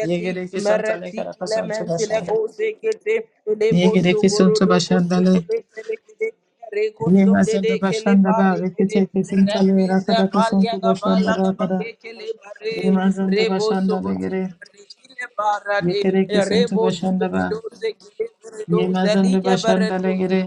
Ye gire ki santale
mereti
karaka santale
kilementi le
shandala.
goze gede
Ye
elebo
gire ki
soborodo
santale shandala.
kosokole kelekede reko
Ye
sonde de
mazanda
kele
shandala.
bare gede
Rekete ki santale
rebize
rakaraka
balya
santale
gabala
shandala
gabale
kara.
kele
Ye
bare
mazanda
rebo
shandala
soboti
gire.
Rekile
Ye
barade,
gire ki
rebo
santale shandala.
subedoze, kile
Ye
beredoze,
mazanda
like
shandala
beredoze,
gire.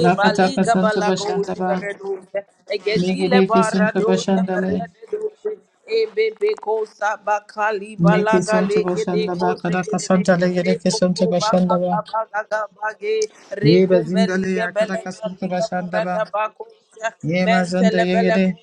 Evali
santale
gabalago
shandala.
shibaredoze. Egedile
Megere kesinti
baradoze
başındale.
baredoze. Ebebe kosa bakali
Me
balaga
kesinti
legede
başında ba
koze
kada
gedede.
kasantale gere
Reboko
kesinti
baka
başında ba.
kabaga gabage.
Ye
Rekombeli
bezindale ya
gebele
kada kasıntı
galiga
başında ba.
barada bako.
Ye mazında
Mentele
ye
bele
gere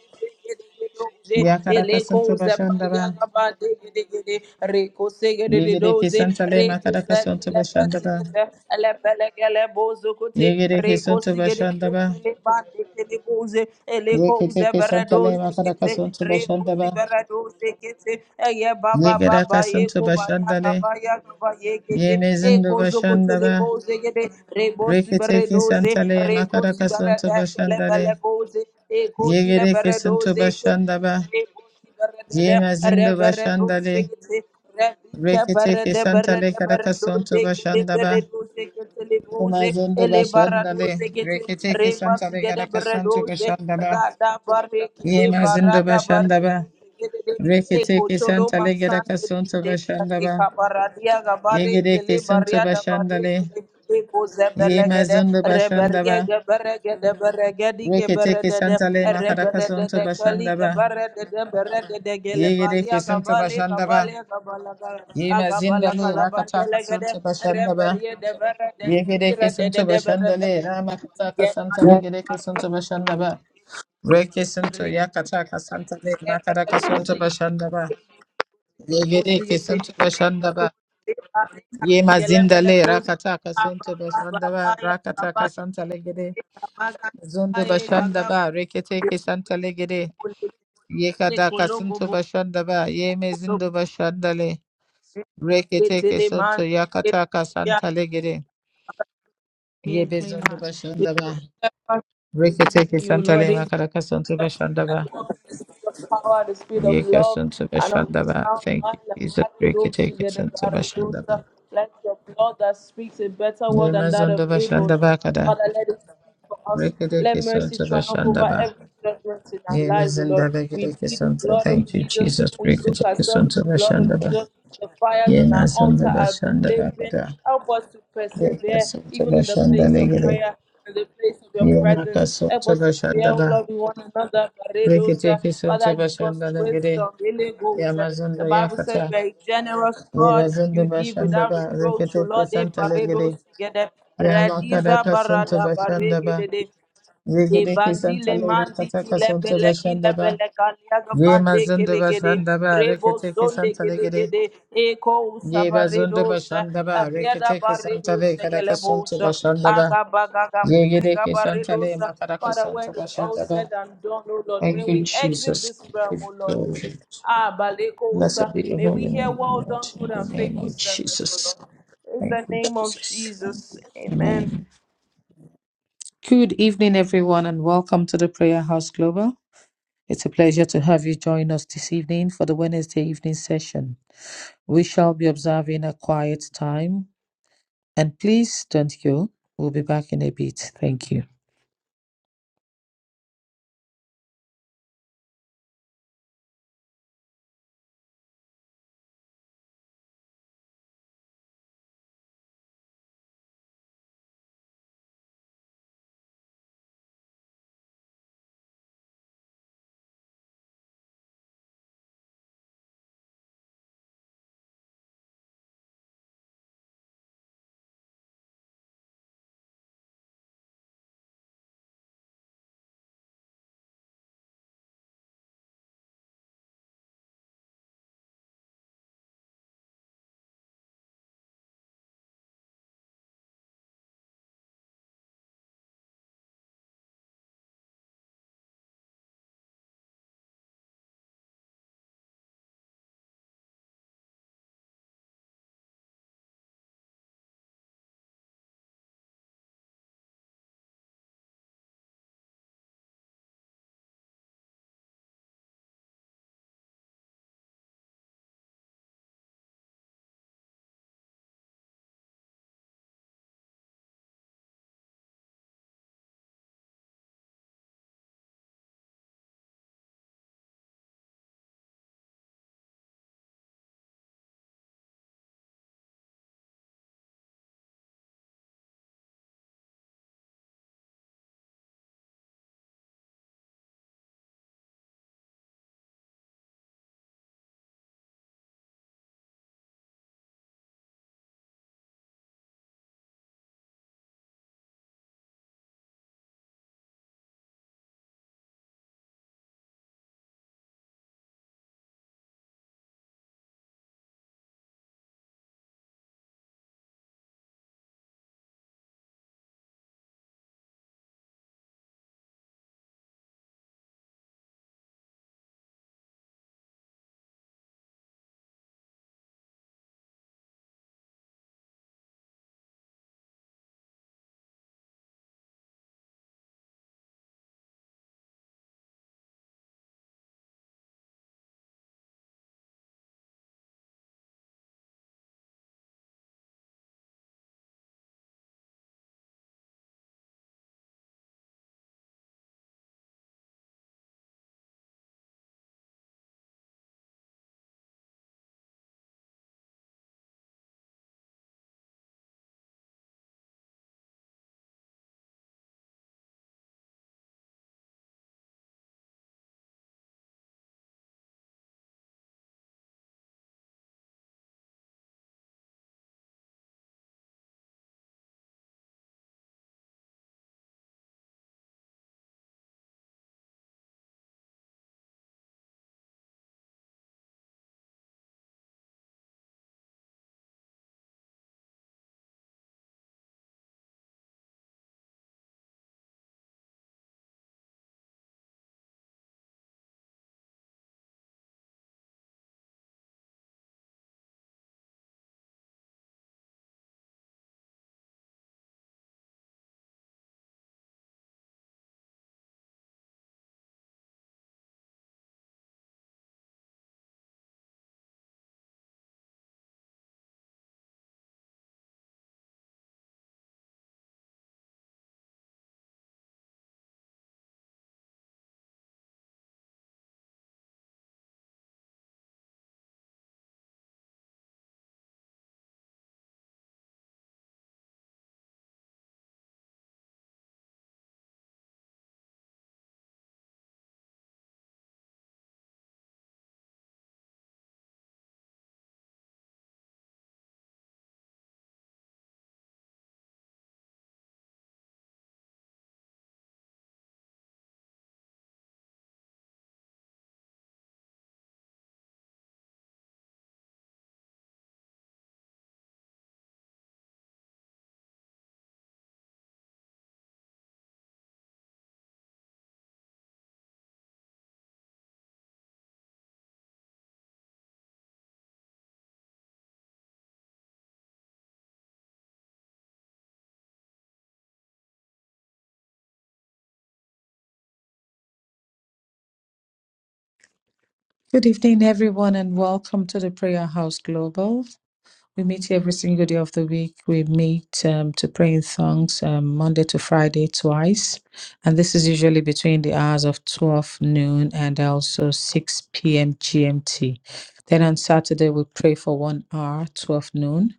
doze
ya kada
eleko
kasıntı başında
zapalia
ba.
kaba dege dege de reko sege de
Ye
de
gere
doze
kesintale ma
reko
kada
saki
kasıntı
la
başında
pasi
ba.
de sa la pele kele bozo kote
Ye gere
reko
kesinti
sige de de
başında ba.
kele ba de kele boze
Ye
eleko
kete
zebra
kesintale
doze
ma kada
kete
kasıntı
reko
başında ba.
sibera doze kete eye
Ye
baba
gere
baba ye ko
kasıntı
ba ya
başındale.
kaba ya kaba ye gege
Ye
eko
mezindu
zoko
başında
tele
ba.
doze gede rebo sibere
Rekete
doze
kesintale ma
reko
kada
sibere
kasıntı
dekele
başındale.
bele eko sile
Yegere kesinto
doze gede
başanda ba.
rebo sibere dede
Yemazindo
rebere
başanda
doze
le.
gede rebi
Rekete
kebere de
kesanta
bere
le
de bere doze
karakasonto
gede
başanda ba.
doze
Yemazindo
ele bara
başanda le.
doze gede
Rekete
reba
kesanta le
sigede
karakasonto
doze
başanda ba.
rada bare kele
Yemazindo
barada
başanda
bare
ba. Rekete
Ekotolo
kesanta le
masan
karakasonto
de
başanda
Rika
ba.
baradia gabare
Yegere
kele baria
kesinto
da
başanda
bare
le.
kele eko zebelegede
Yemazindo başanda
reberie
ba.
geberegede beregedi
Rekete
keberedede
kesanta le
reberedede
makarakasanto
kali
başanda ba.
geberedede beredede gele
Yegere
balia
kesinto
gabale
başanda ba.
gabale gabala
Yema
gabala
zindale
gala
rakataka
bandelegede
sunto bashanda ba.
reberie de berede dire
Yegereke
de
sunto
de
bashandale ramakataka santale gereke sunto bashanda ba. Reke sunto yakataka santale makaraka sunto
berede
bashanda ba. Yegereke
Osiyete,
sunto bashanda ba.
Ebale,
Yema
Asigelebele,
zindale
Kosi,
rakataka sunto
Ababa,
bashanda ba.
Babaya,
Rakataka santale gere.
Babaya, Kabaga,
Zundo
Kabaye,
bashanda
Kagaba,
ba. Reketeke santale gere.
Kolekele,
Yekadaka
Kologo,
sunto bashanda ba. Yeme zindo
Bologo,
bashandale. Reketeke
Etele, Man,
sunto
Epa,
yakataka
Ya,
santale gere.
me
Ye
a clean
bezondo
heart.
bashandaba. Reketeke
Renew, O
santale
Lord,
makaraka santo
I
bashandaba.
walk in the spirit of power, the speed of
Ye
love,
kasanto
and of
bashandaba.
sound
Thank you,
mind. and
Jesus.
marry those
Reketeke
together,
santo
marry those.
bashandaba.
uh, Let your blood that speaks a better
Ye
word than that of
mazondo
Abel, Lord.
bashandaba kada.
Father, let it speak for us. Let
Reketeke
mercy
santo
triumph over
bashandaba.
every judgment in our
Ye
lives, O Lord.
mezinda
We
reketeke
plead the
santo.
blood of
Thank you,
Jesus.
Jesus.
We soak
Reketeke
ourselves in
santo
the blood of
bashandaba.
Jesus. The fires
Ye
on our altar
mazondo
are
bashandaba
blazing.
kada.
Help us to
Ye
persevere
kasanto
even in the place
bashandale
of
gede.
prayer, in the place of your
Ye
presence. Help
makasanto
us to bear
bashandaba.
loving one another. Paredosa.
Reketeke santo
Father, give us
bashandale gede.
wisdom. Really goes. The
Yamazonda
Bible says
yakata
you are a generous God. You
Irazende
give without
Bashandaba,
reproach. O
Reketeke
Lord, eh,
Santa Legede,
paredos together.
Yalaka
Radiza
Raka Santo
barada
Bashandaba,
baregede.
Yegedeke Santa
Ebandile mandi
Lerakataka Santo
kilebele
Bashandaba,
kilebele kaliaga
Yema
bande
Zundo
kelegede
Bashandaba,
rebo
Reketeke
sonde
Santa Legede,
kelegede eko
Yeba Zundo
sabaredosa
Bashandaba,
ariada
Reketeke Santa Le
baredosa
Karaka Santo
gelebosa
Bashandaba,
agabaga bule
Yegedeke Santa Le
gabaredosa
Makaraka
Father,
Santo
when it's all
Bashandaba.
said and done, oh Lord,
Thank
when
you,
we exit
Jesus.
this realm,
Give
oh Lord,
glory.
Ah,
Blessed
Balekosa.
be your
May we
holy
hear
name,
well
Lord,
done,
in
good
the
and
name
faithful
of
servant, Oh
Jesus.
Lord. In
Thank
the
you,
name of
Jesus.
Jesus. Amen.
Amen. Good evening, everyone, and welcome to the Prayer House Global. It's a pleasure to have you join us this evening for the Wednesday evening session. We shall be observing a quiet time, and please don't go. We'll be back in a bit. Thank you. Good evening, everyone, and welcome to the Prayer House Global. We meet here every single day of the week. We meet um, to pray in tongues um, Monday to Friday twice. And this is usually between the hours of 12 noon and also 6 p.m. GMT. Then on Saturday, we pray for one hour, 12 noon.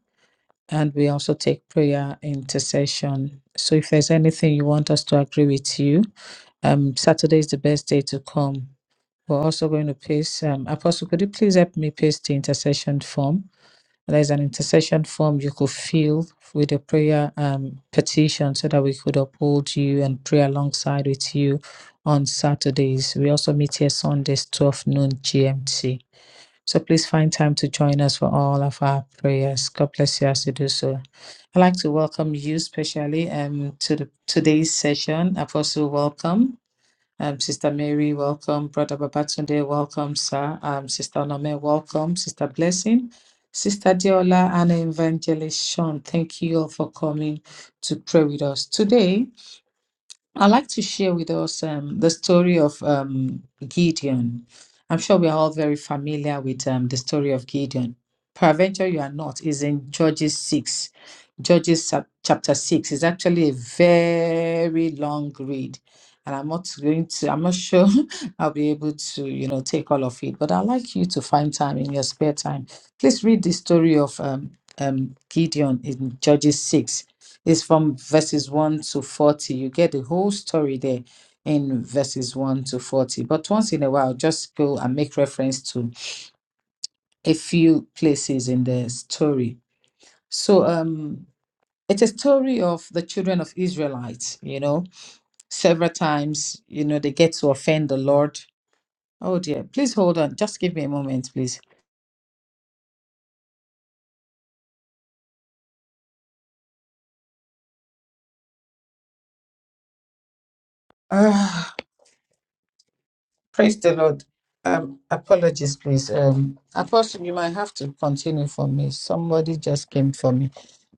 And we also take prayer intercession. So if there's anything you want us to agree with you, um, Saturday is the best day to come. We're also going to paste, um, Apostle, could you please help me paste the intercession form? There's an intercession form you could fill with a prayer um, petition so that we could uphold you and pray alongside with you on Saturdays. We also meet here Sundays, 12 noon GMT. So please find time to join us for all of our prayers. God bless you as you do so. I'd like to welcome you specially um, to the, today's session. Apostle, welcome. Um, Sister Mary, welcome. Brother Babatunde, welcome, sir. Um, Sister Onome, welcome. Sister Blessing, Sister Deola, and Evangelist Sean, thank you all for coming to pray with us. Today, I'd like to share with us um, the story of um, Gideon. I'm sure we are all very familiar with um, the story of Gideon. Peradventure, you are not, is in Judges 6. Judges chap- chapter 6 is actually a very long read. And I'm not going to, I'm not sure I'll be able to, you know, take all of it. But I'd like you to find time in your spare time. Please read the story of um, um, Gideon in Judges 6 it's from verses 1 to 40. You get the whole story there in verses 1 to 40. But once in a while, just go and make reference to a few places in the story. So um it's a story of the children of Israelites, you know. Several times, you know, they get to offend the Lord. Oh dear, please hold on. Just give me a moment, please. Praise the Lord. Um, apologies, please. Um, Apostle, you might have to continue for me. Somebody just came for me.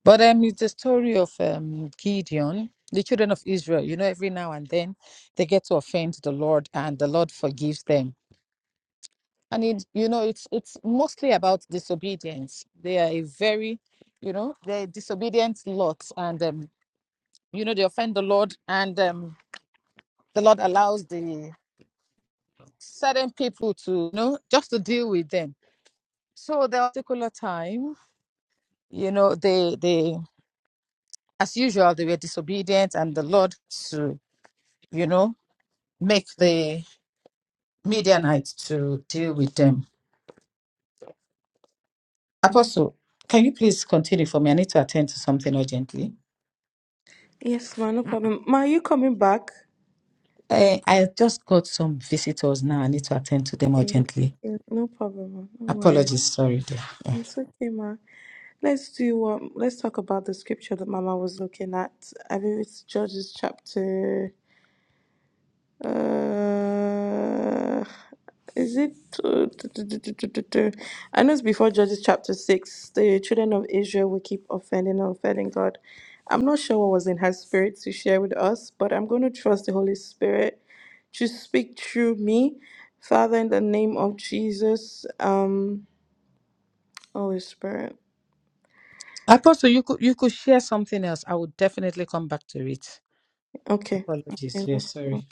But um, it's the story of um, Gideon, the children of Israel. You know, every now and then they get to offend the Lord, and the Lord forgives them. And it, you know, it's it's mostly about disobedience. They are a very, you know, they're disobedient lot, and um, you know, they offend the Lord, and um, the Lord allows the certain people to, you know, just to deal with them So the particular time, you know, they they as usual they were disobedient, and the Lord to you know make the Midianites to deal with them. Apostle, can you please continue for me? I need to attend to something urgently.
Yes, ma, no problem. Ma, are you coming back?
Eh, I just got some visitors now. I need to attend to them
Okay,
urgently.
okay, no problem. ma. No worries.
Apologies, sorry, dear. Eh.
It's okay, ma. Let's do um let's talk about the scripture that Mama was looking at. I believe it's Judges chapter uh is it uh, du- du- du- du- du- du- du. I know it's before Judges chapter six. The children of Israel will keep offending and offending God. I'm not sure what was in her spirit to share with us, but I'm going to trust the Holy Spirit to speak through me. Father, in the name of Jesus, um, Holy Spirit.
Apostle, you could you could share something else. I would definitely come back to it.
Okay.
Apologies,
Okay, no
yes,
problem.
sorry.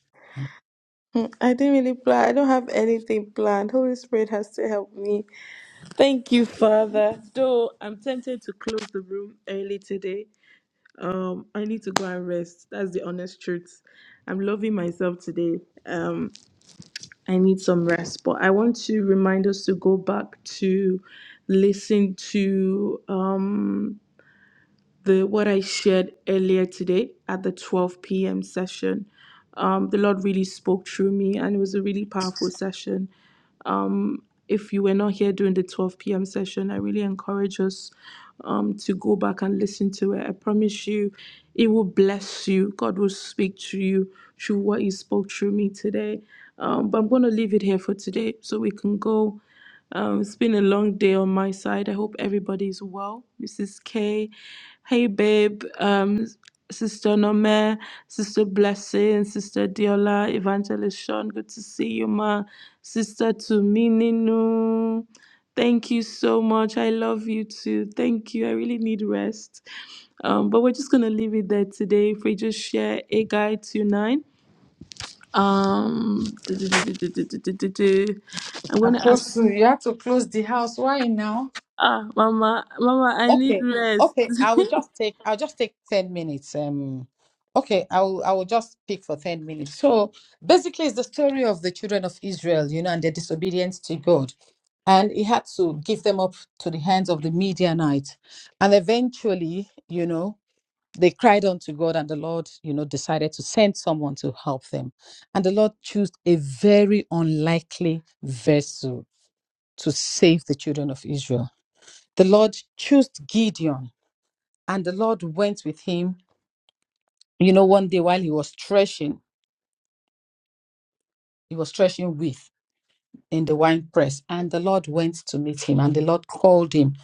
Hmm, I didn't really plan. I don't have anything planned. Holy Spirit has to help me. Thank you, Father. Though I'm tempted to close the room early today. Um, I need to go and rest. That's the honest truth. I'm loving myself today. Um, I need some rest, but I want to remind us to go back to listen to um the what I shared earlier today at the 12 p.m. session. Um, the Lord really spoke through me, and it was a really powerful session. Um, if you were not here during the 12 p.m. session, I really encourage us um, to go back and listen to it. I promise you, it will bless you. God will speak to you through what He spoke through me today. Um, but I'm going to leave it here for today so we can go. Um, it's been a long day on my side. I hope everybody's well. Mrs. K, hey babe, um, Sister Nome, Sister Blessing, Sister Diola, Evangelist Sean, good to see you, ma. Sister Tumininu, thank you so much. I love you too. Thank you. I really need rest. Um, but we're just gonna leave it there today. If we just share a guide to nine. Um, I'm gonna ask.
Apostle, you have to close the house. Why now?
Ah, Mama, Mama, I need
Okay,
rest.
okay. I will just take I'll just take 10 minutes. Um okay, I will I will just pick for 10 minutes. So basically it's the story of the children of Israel, you know, and their disobedience to God. And he had to give them up to the hands of the Midianite. And eventually, you know, they cried unto God and the Lord, you know, decided to send someone to help them. And the Lord chose a very unlikely vessel to save the children of Israel. The Lord chose Gideon and the Lord went with him. You know, one day while he was threshing, he was threshing with in the wine press, and the Lord went to meet him, and the Lord called him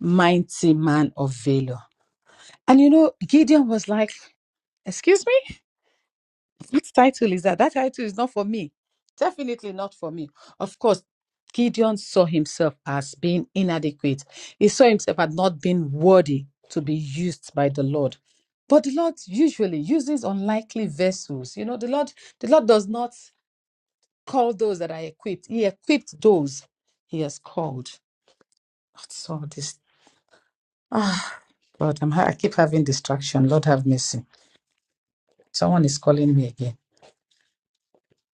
mighty man of valor. And you know, Gideon was like, "Excuse me." What title is that? That title is not for me. Definitely not for me. Of course, Gideon saw himself as being inadequate. He saw himself as not being worthy to be used by the Lord. But the Lord usually uses unlikely vessels. You know, the Lord, the Lord does not call those that are equipped. He equipped those he has called. That's all this. Ah, God, I'm, ha- I keep having distraction. Lord have mercy. Someone is calling me again.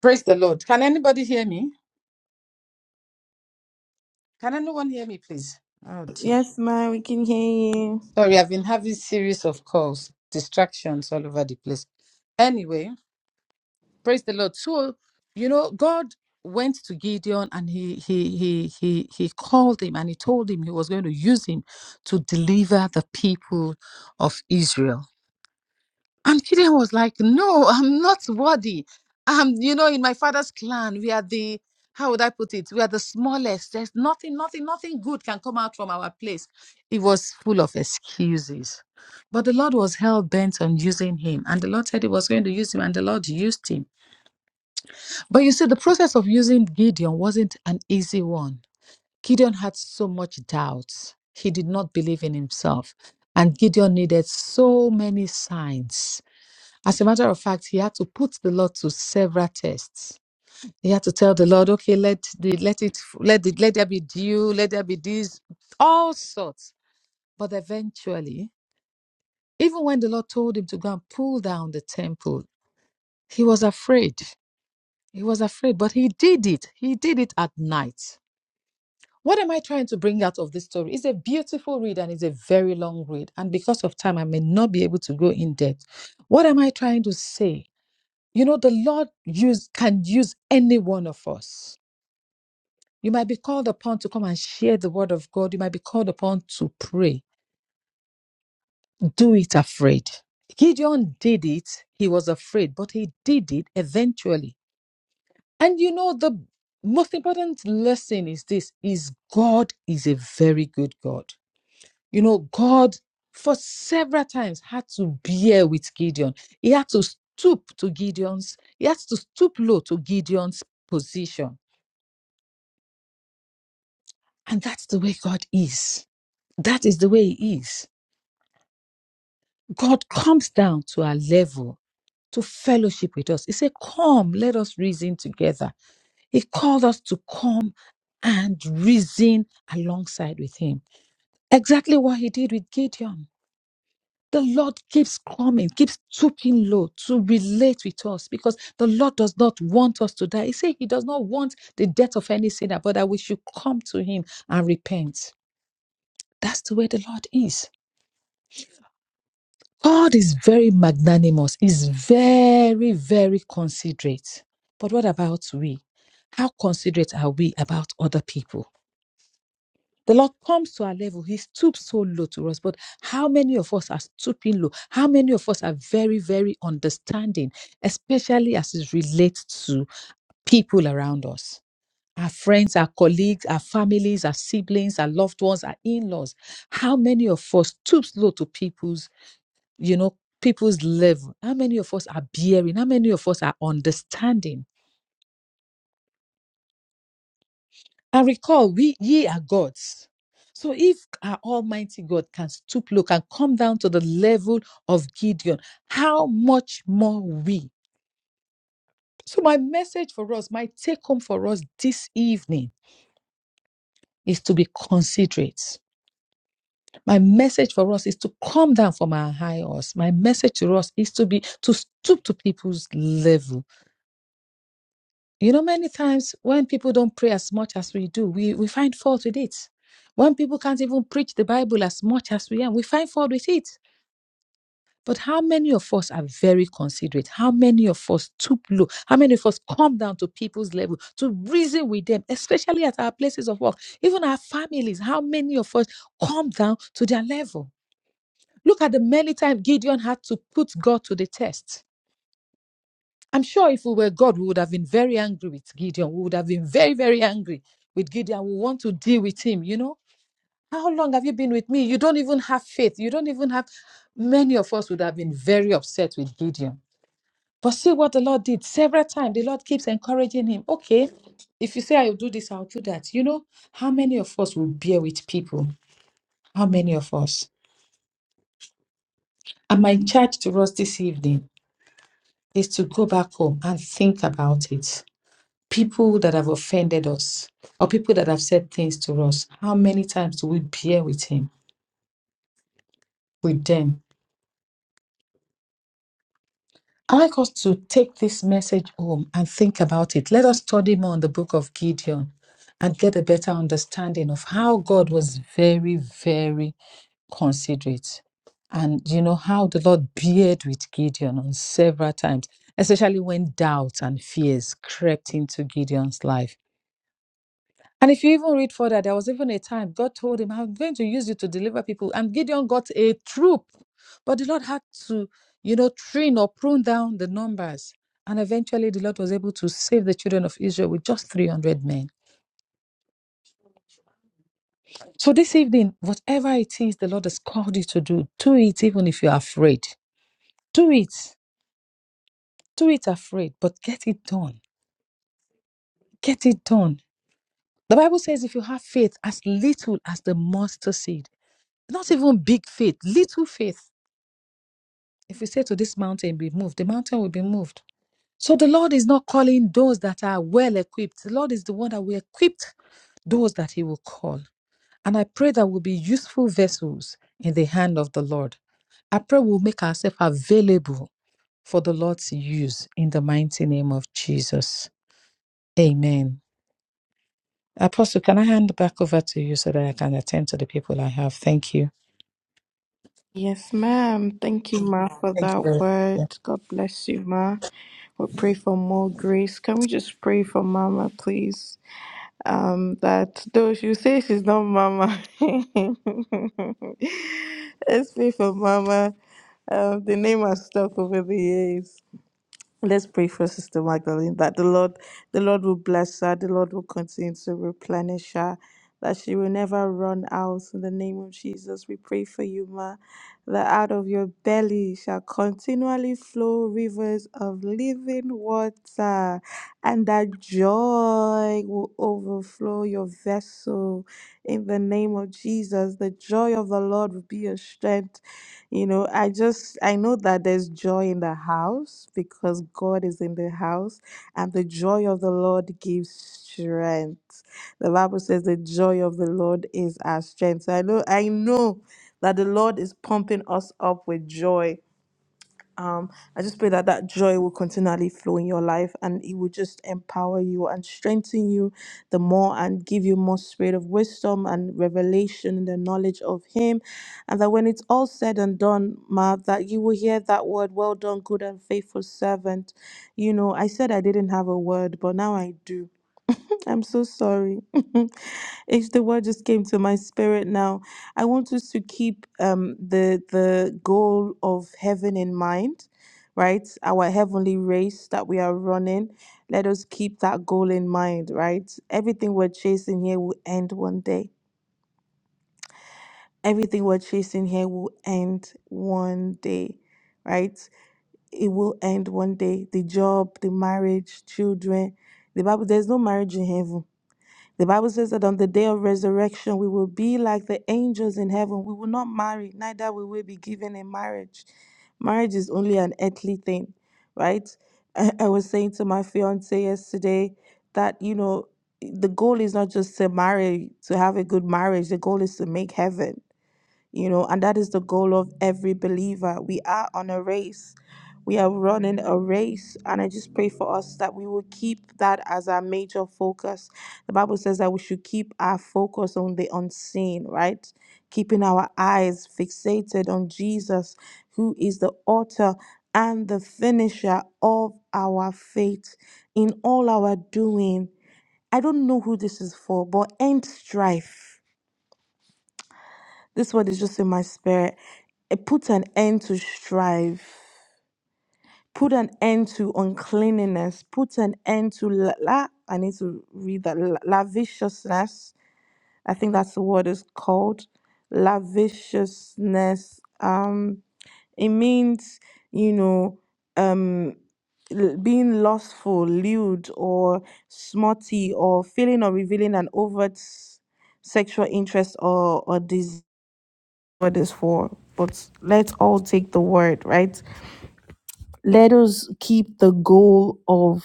Praise the Lord. Can anybody hear me? Can anyone hear me, please? Oh dear.
Yes, ma'am, we can hear you.
Sorry, I've been having series of calls, distractions all over the place. Anyway, praise the Lord. So, you know, God went to Gideon and he he he he he called him and he told him he was going to use him to deliver the people of Israel. And Gideon was like, No, I'm not worthy. Um, you know, in my father's clan, we are the how would I put it? We are the smallest. There's nothing, nothing, nothing good can come out from our place. It was full of excuses. But the Lord was hell bent on using him. And the Lord said he was going to use him, and the Lord used him. But you see, the process of using Gideon wasn't an easy one. Gideon had so much doubts. He did not believe in himself. And Gideon needed so many signs as a matter of fact, he had to put the Lord to several tests. He had to tell the Lord, okay, let the, let it let the, let there be dew, let there be this, all sorts. But eventually, even when the Lord told him to go and pull down the temple, he was afraid. He was afraid, but he did it. He did it at night. What am I trying to bring out of this story? It's a beautiful read and it's a very long read. And because of time, I may not be able to go in depth. What am I trying to say? You know, the Lord use can use any one of us. You might be called upon to come and share the word of God. You might be called upon to pray. Do it afraid. Gideon did it. He was afraid, but he did it eventually. And you know, the most important lesson is this is God is a very good God. You know, God for several times had to bear with Gideon. He had to stoop to Gideon's, he had to stoop low to Gideon's position And that's the way God is. That is the way He is. God comes down to our level to fellowship with us. He said, Come, let us reason together. He called us to come and reason alongside with Him. Exactly what He did with Gideon. The Lord keeps coming, keeps stooping low to relate with us because the Lord does not want us to die. He said He does not want the death of any sinner, but that we should come to Him and repent. That's the way the Lord is. God is very magnanimous, is very, very considerate. But what about we? How considerate are we about other people? The Lord comes to our level. He stoops so low to us. But how many of us are stooping low? How many of us are very, very understanding, especially as it relates to people around us our friends, our colleagues, our families, our siblings, our loved ones, our in laws. How many of us stoops low to people's? you know, people's level. How many of us are bearing? How many of us are understanding? And recall, we ye are gods. So if our Almighty God can stoop low, can come down to the level of Gideon, how much more we? So my message for us, my take home for us this evening is to be considerate. My message for us is to come down from our high horse. My message to us is to be to stoop to people's level You know, many times when people don't pray as much as we do, we, we find fault with it. When people can't even preach the Bible as much as we are, we find fault with it. But how many of us are very considerate? How many of us stoop low? How many of us come down to people's level to reason with them, especially at our places of work, even our families? How many of us come down to their level? Look at the many times Gideon had to put God to the test. I'm sure if we were God, we would have been very angry with Gideon. We would have been very, very angry with Gideon. We want to deal with him. You know, how long have you been with me? You don't even have faith. You don't even have. Many of us would have been very upset with Gideon. But see what the Lord did several times. The Lord keeps encouraging him. Okay, if you say I'll do this, I'll do that. You know, how many of us will bear with people? How many of us? And my charge to us this evening is to go back home and think about it people that have offended us or people that have said things to us, how many times do we bear with him, with them? I like us to take this message home and think about it. Let us study more on the book of Gideon and get a better understanding of how God was very, very considerate. And you know how the Lord beard with Gideon on several times, especially when doubts and fears crept into Gideon's life. And if you even read further, there was even a time God told him, I'm going to use you to deliver people. And Gideon got a troop. But the Lord had to, you know, trim or prune down the numbers. And eventually the Lord was able to save the children of Israel with just 300 men. So this evening, whatever it is the Lord has called you to do, do it even if you're afraid. Do it. Do it afraid, but get it done. Get it done. The Bible says if you have faith as little as the mustard seed, not even big faith, little faith If we say to this mountain, be moved, the mountain will be moved. So the Lord is not calling those that are well equipped. The Lord is the one that will equip those that He will call. And I pray that we'll be useful vessels in the hand of the Lord. I pray we'll make ourselves available for the Lord to use in the mighty name of Jesus. Amen. Apostle, can I hand back over to you so that I can attend to the people I have? Thank you.
Yes, ma'am. Thank you, ma, for
Thank you very
that
much.
word. God bless you, ma. We pray for more grace. Can we just pray for Mama, please? Um, that though she say she's not Mama, let's pray for Mama. Um, the name has stuck over the years. Let's pray for Sister Magdalene that the Lord, the Lord will bless her, the Lord will continue to replenish her, that she will never run out. In the name of Jesus, we pray for you, Ma, that out of your belly shall continually flow rivers of living water, and that joy will overflow your vessel battle in the name of Jesus. The joy of the Lord will be your strength. You know, I just, I know that there's joy in the house because God is in the house and the joy of the Lord gives strength. The Bible says the joy of the Lord is our strength. So I know, I know that the Lord is pumping us up with joy um, I just pray that that joy will continually flow in your life and it will just empower you and strengthen you the more and give you more spirit of wisdom and revelation and the knowledge of Him. And that when it's all said and done, Ma, that you will hear that word, well done, good and faithful servant. You know, I said I didn't have a word, but now I do I'm so sorry. it's the word just came to my spirit now. I want us to keep um, the the goal of heaven in mind, right? Our heavenly race that we are running. Let us keep that goal in mind, right? Everything we're chasing here will end one day. Everything we're chasing here will end one day, right? It will end one day. The job, the marriage, children. The Bible, there's no marriage in heaven the Bible says that on the day of resurrection, we will be like the angels in heaven. We will not marry, neither will we be given in marriage. Marriage is only an earthly thing, right? I, I was saying to my fiance yesterday that, you know, the goal is not just to marry, to have a good marriage. The goal is to make heaven you know, and that is the goal of every believer. We are on a race, we are running a race, and I just pray for us that we will keep that as our major focus. The Bible says that we should keep our focus on the unseen, right? Keeping our eyes fixated on Jesus, who is the author and the finisher of our faith in all our doing. I don't know who this is for, but end strife. This word is just in my spirit. It put an end to strife. Put an end to uncleanliness. Put an end to la. la I need to read that. La- lavishousness. I think that's the word is called. Lavishousness. Um, it means you know um l- being lustful lewd or smutty or feeling or revealing an overt s- sexual interest or or desire God is for, but let's all take the word, right? Let us keep the goal of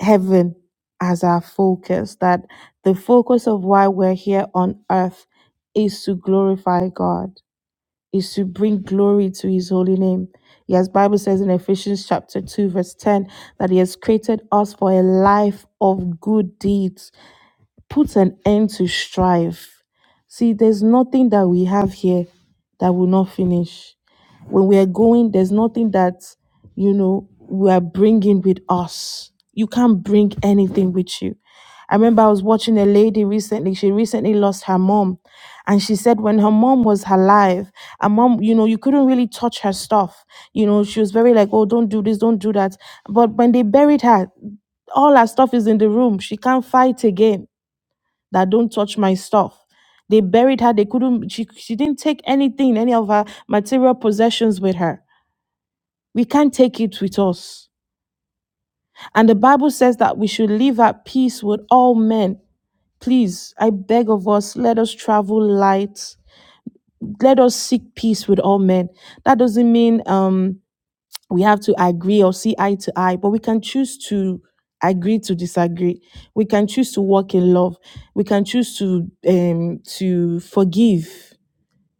heaven as our focus, that the focus of why we're here on earth is to glorify God, is to bring glory to his holy name. Yes, Bible says in Ephesians chapter 2, verse 10, that he has created us for a life of good deeds put an end to strife. See, there's nothing that we have here that will not finish. When we are going, there's nothing that, you know, we are bringing with us. You can't bring anything with you. I remember I was watching a lady recently. She recently lost her mom. And she said when her mom was alive, her mom, you know, you couldn't really touch her stuff. You know, she was very like, oh, don't do this, don't do that. But when they buried her, all her stuff is in the room. She can't fight again that don't touch my stuff. They buried her. They couldn't, she, she didn't take anything, any of her material possessions with her. We can't take it with us. And the Bible says that we should live at peace with all men. Please, I beg of us, let us travel light. Let us seek peace with all men. That doesn't mean um, we have to agree or see eye to eye, but we can choose to agree to disagree. We can choose to walk in love. We can choose to um, to forgive.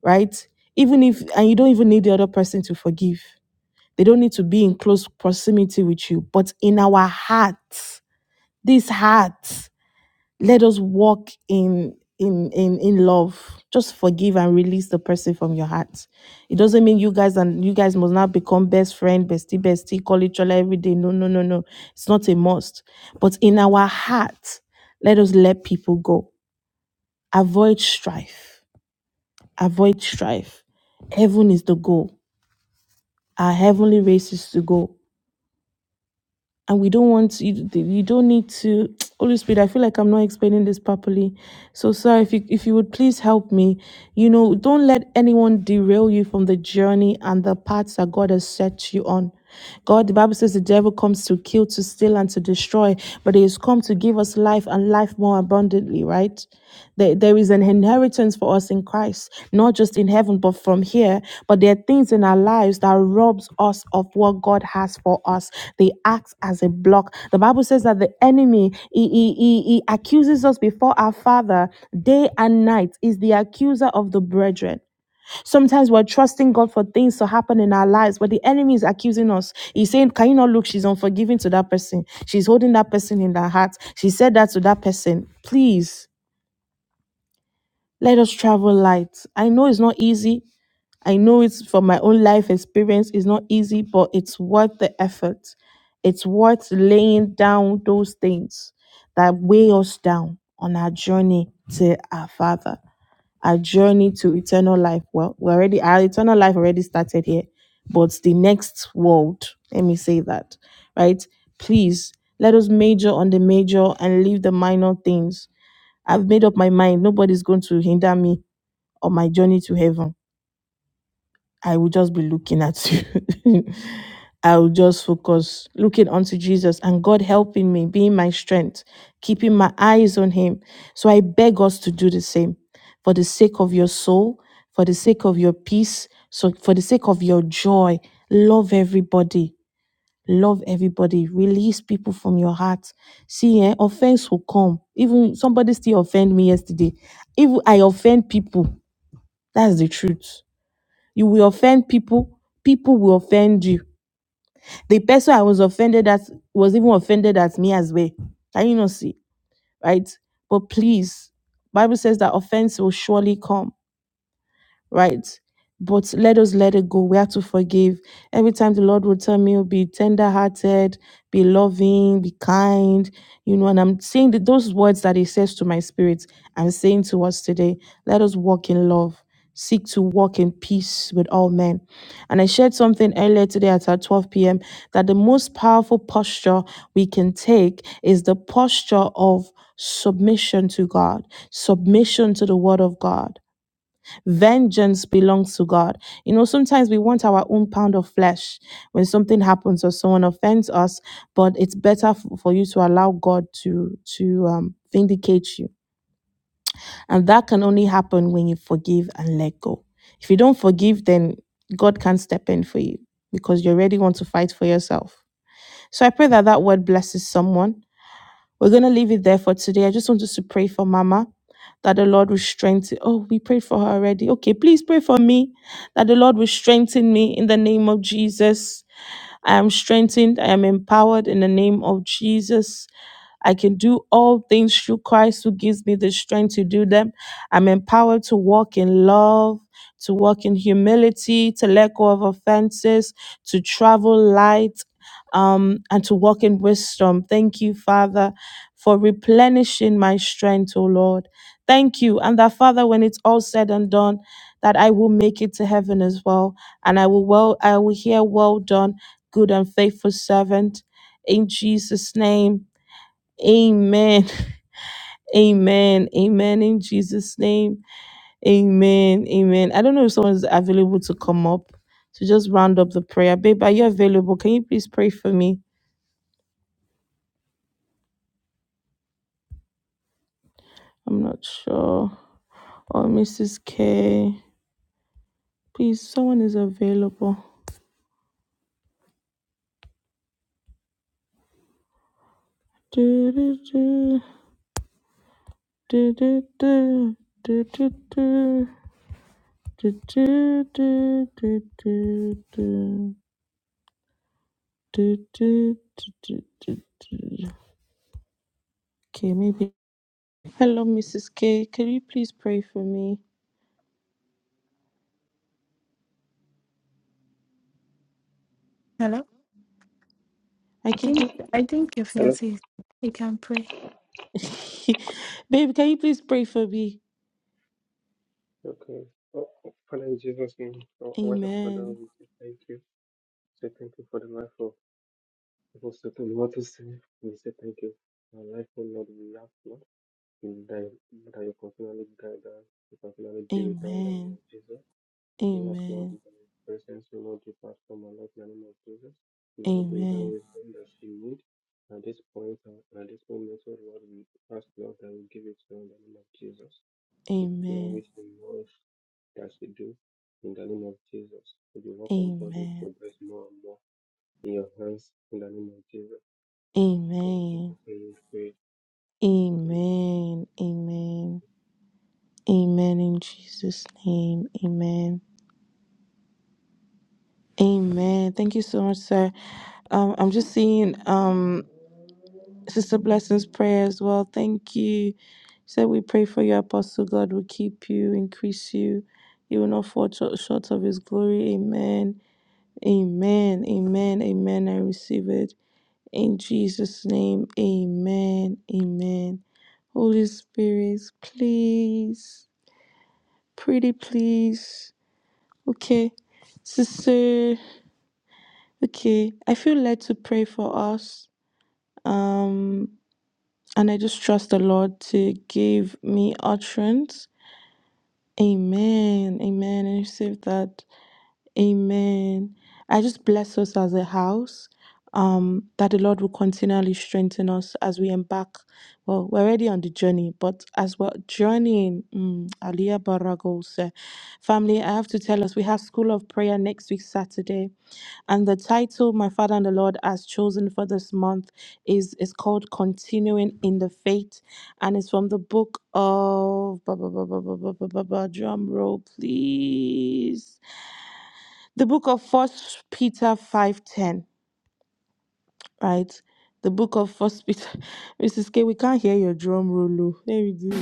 right? Even if, and you don't even need the other person to forgive. They don't need to be in close proximity with you, but in our hearts, this heart, let us walk in in in in love. Just forgive and release the person from your heart. It doesn't mean you guys and you guys must now become best friend, bestie, bestie, call each other every day. No, no, no, no. It's not a must. But in our heart, let us let people go. Avoid strife. Avoid strife. Heaven is the goal. our heavenly races to go. And we don't want you. You don't need to. Holy Spirit, I feel like I'm not explaining this properly. So sorry if you if you would please help me. You know, don't let anyone derail you from the journey and the paths that God has set you on. God, the Bible says the devil comes to kill, to steal, and to destroy, but he has come to give us life and life more abundantly abundantly, right? There, there is an inheritance for us in Christ, not just in heaven, but from here. But there are things in our lives that robs us of what God has for us. They act as a block. The Bible says that the enemy he, he, he, he accuses us before our Father day and night. Is the accuser of the brethren. Sometimes we're trusting God for things to happen in our lives, but the enemy is accusing us. He's saying, Can you not look? She's unforgiving to that person. She's holding that person in her heart. She said that to that person. Please let us travel light. I know it's not easy. I know it's from my own life experience. It's not easy, but it's worth the effort. It's worth laying down those things that weigh us down on our journey to our Father our journey to eternal life. Well, we already our eternal life already started here, but the next world, let me say that, right? Please let us major on the major and leave the minor things. I've made up my mind. Nobody's going to hinder me on my journey to heaven. I will just be looking at you. I'll just focus looking unto Jesus and God helping me, being my strength, keeping my eyes on Him. So I beg us to do the same for the sake of your soul, for the sake of your peace, so for the sake of your joy. Love everybody. Love everybody. Release people from your heart. See, eh, offense will come. Even somebody still offend me yesterday. If I offend people, that's the truth. You will offend people, people will offend you the person I was offended at was even offended at me as well. Can you not see? Right? But please, Bible says that offense will surely come right? But let us let it go. We have to forgive. Every time the Lord will tell me, oh, be tender hearted, be loving, be kind, you know, and I'm saying that those words that He says to my spirit, I'm saying to us today, let us walk in love, seek to walk in peace with all men. And I shared something earlier today at our 12 p.m. that the most powerful posture we can take is the posture of submission to God, submission to the word of God. Vengeance belongs to God. You know, sometimes we want our own pound of flesh when something happens or someone offends us, but it's better f- for you to allow God to to um, vindicate you, and that can only happen when you forgive and let go. If you don't forgive, then God can't step in for you because you already want to fight for yourself. So I pray that that word blesses someone we're going to leave it there for today. I just want us to pray for Mama that the Lord will strengthen. Oh, we prayed for her already. Okay, please pray for me that the Lord will strengthen me in the name of Jesus. I am strengthened. I am empowered in the name of Jesus. I can do all things through Christ who gives me the strength to do them. I'm empowered to walk in love, to walk in humility, to let go of offenses, to travel light um, and to walk in wisdom. Thank you, Father, for replenishing my strength, O Lord. Thank you. And that, Father, when it's all said and done, that I will make it to heaven as well. And I will well, I will hear, well done, good and faithful servant. In Jesus' name. Amen. Amen. Amen. In Jesus' name. Amen. Amen. I don't know if someone's available to come up to just round up the prayer. Babe, are you available? Can you please pray for me? I'm not sure. Or Mrs. K. Please, someone is available. Do, do, do, do, do, do, do, do, do. Do, do, do, do, do, do, do, do, do, do, do. Okay, maybe. Hello, Mrs. K. Can you please pray for me?
Hello?
I
I
can
think
get.
I think if
Hello.
Nancy he can pray.
Babe, can you please pray for me?
Okay. Oh, oh, Father, in Jesus' name, oh, our righteous Father,
Amen.
we say thank you. Say thank you for the life of Apostle Waters. We say thank you. Our life will not be lost, Lord. We die- That you continually guide us, you continually be with us in the name
Amen.
of Jesus. We ask, Lord,
Amen.
that your presence will not depart from our life in the name of Jesus. Without the divine
Amen.
wisdom that she need. at this point, uh, at this moment, oh Lord, we ask, Lord, that we give it to you in the name of Jesus. the
Amen.
flourish in all that you do in the name of Jesus. May the work of God will
Amen.
progress more and more in your hands in the name of Jesus. In
Amen.
Jesus' name we pray. Amen.
Amen. Amen. Amen in Jesus' name. Amen. Amen. Thank you so much, sir. Um, I'm just seeing um Sister Blessing's prayer as well. Thank you. She said we pray for you, Apostle. God will keep you, increase you. You will not fall short short of his glory. Amen. Amen. Amen. Amen. I receive it. In Jesus' name. Amen. Amen. Holy Spirit, please. Pretty please. Okay. Sister, okay. I feel led to pray for us. Um and I just trust the Lord to give me utterance. Amen. Amen. And receive that. Amen. I just bless us as a house. Um, that the Lord will continually strengthen us as we embark. Well, we're already on the journey, but as we're journeying, mm, Aliyah Baragos, family, I have to tell us we have School of Prayer next week, Saturday. And the title my father and the Lord has chosen for this month is is called Continuing in the Faith, and it's from the book of ba- ba- ba- ba- ba- ba- ba- ba- ba- drum roll, please the book of first peter 5.10 right the book of first peter mrs k we can't hear your drum roll oh. let me do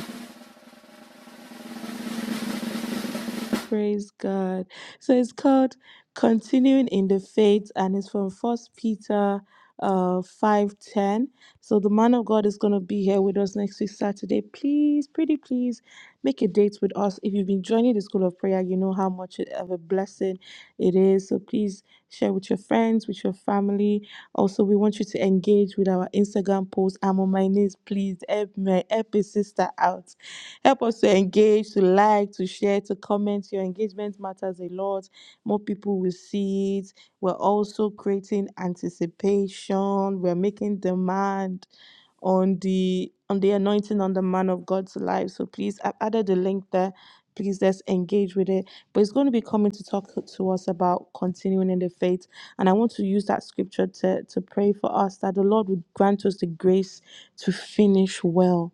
Praise God. So it's called Continuing in the Faith and it's from First Peter uh 510. So the man of God is gonna be here with us next week Saturday. Please, pretty please make a date with us. If you've been joining the school of prayer, you know how much of a blessing it is. So please share with your friends, with your family. Also, we want you to engage with our Instagram post. I'm on my knees, please help me help a sister out. Help us to engage, to like, to share, to comment. Your engagement matters a lot. More people will see it. We're also creating anticipation. We're making demand on the on the anointing on the man of God's life. So please, I've added the link there. Please let's engage with it. But it's going to be coming to talk to us about continuing in the faith. And I want to use that scripture to, to pray for us that the Lord would grant us the grace to finish well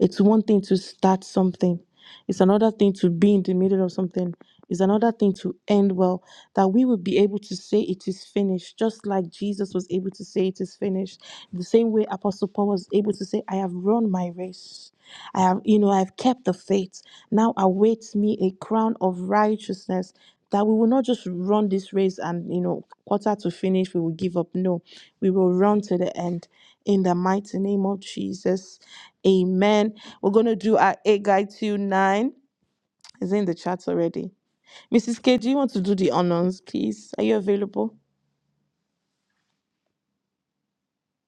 it's one thing to start something, it's another thing to be in the middle of something, it's another thing to end well. That we will be able to say it is finished, just like Jesus was able to say it is finished. The same way Apostle Paul was able to say, I have run my race. I have, you know, I've kept the faith. Now awaits me a crown of righteousness that we will not just run this race and, you know, quarter to finish, we will give up. No, we will run to the end. In the mighty name of Jesus. Amen. We're going to do our 8 guide to 9. It's in the chat already. Mrs. K, do you want to do the honors, please? Are you available?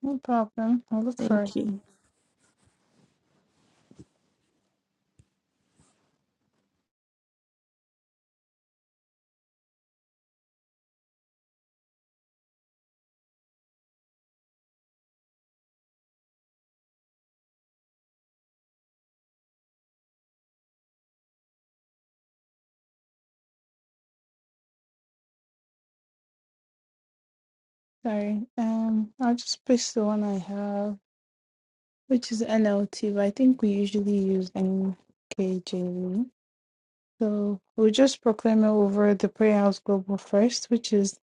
No problem. I'll look for it.
Thank you.
Sorry. Um I'll just push the one I have, which is NLT, but I think we usually use NKJV. So we'll just proclaim it over the Prayer House Global first, which is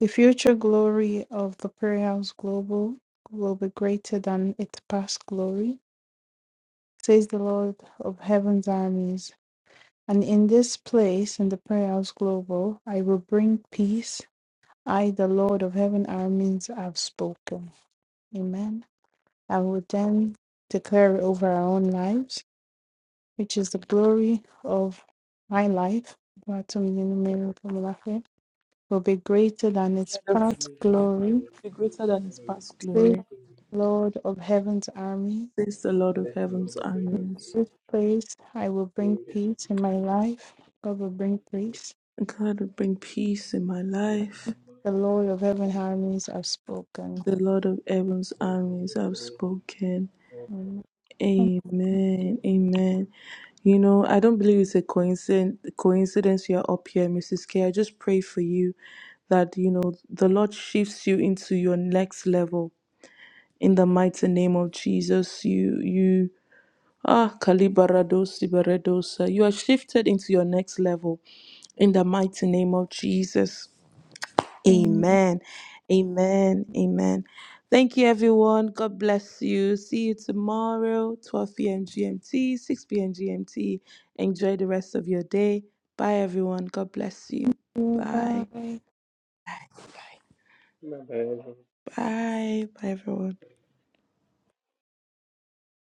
the future glory of the Prayer House Global will be greater than its past glory, says the Lord of Heaven's armies. And in this place, in the prayer house global, I will bring peace. I, the Lord of heaven armies, have spoken. Amen. I will then declare it over our own lives, which is the glory of my life. Will be greater than its
Let
Give
us
past
him
glory.
glory.
be greater than
give
his
him
past
Says
glory,
thanks.
the Lord of heaven's army.
says the Lord of
Thank you, Lord,
heaven's
for
armies.
everything.
This place I will bring
In this,
peace in my life. God will bring
this
peace.
God will bring peace in my
person,
life.
The
Lord,
Lord of heaven
thank
armies have spoken.
The Lord of heaven's
you for
armies have spoken.
When
Amen. Amen. You know, I don't believe it's a coincidence coincidence you're up here, Mrs. K. I just pray for you that, you know, the Lord shifts you into your next level in the mighty name of Jesus. You you ah kalibarados iberedosa. you are shifted into your next level in the mighty name of Jesus.
nothing
Amen. Amen. Amen. Thank you, everyone. God bless you. See you tomorrow, 12 p.m. GMT, 6 p.m. GMT. Enjoy the rest of your day. Bye, everyone. God bless you.
to
Bye. Bye.
everything. Thank you.
Bye, Bye, everyone.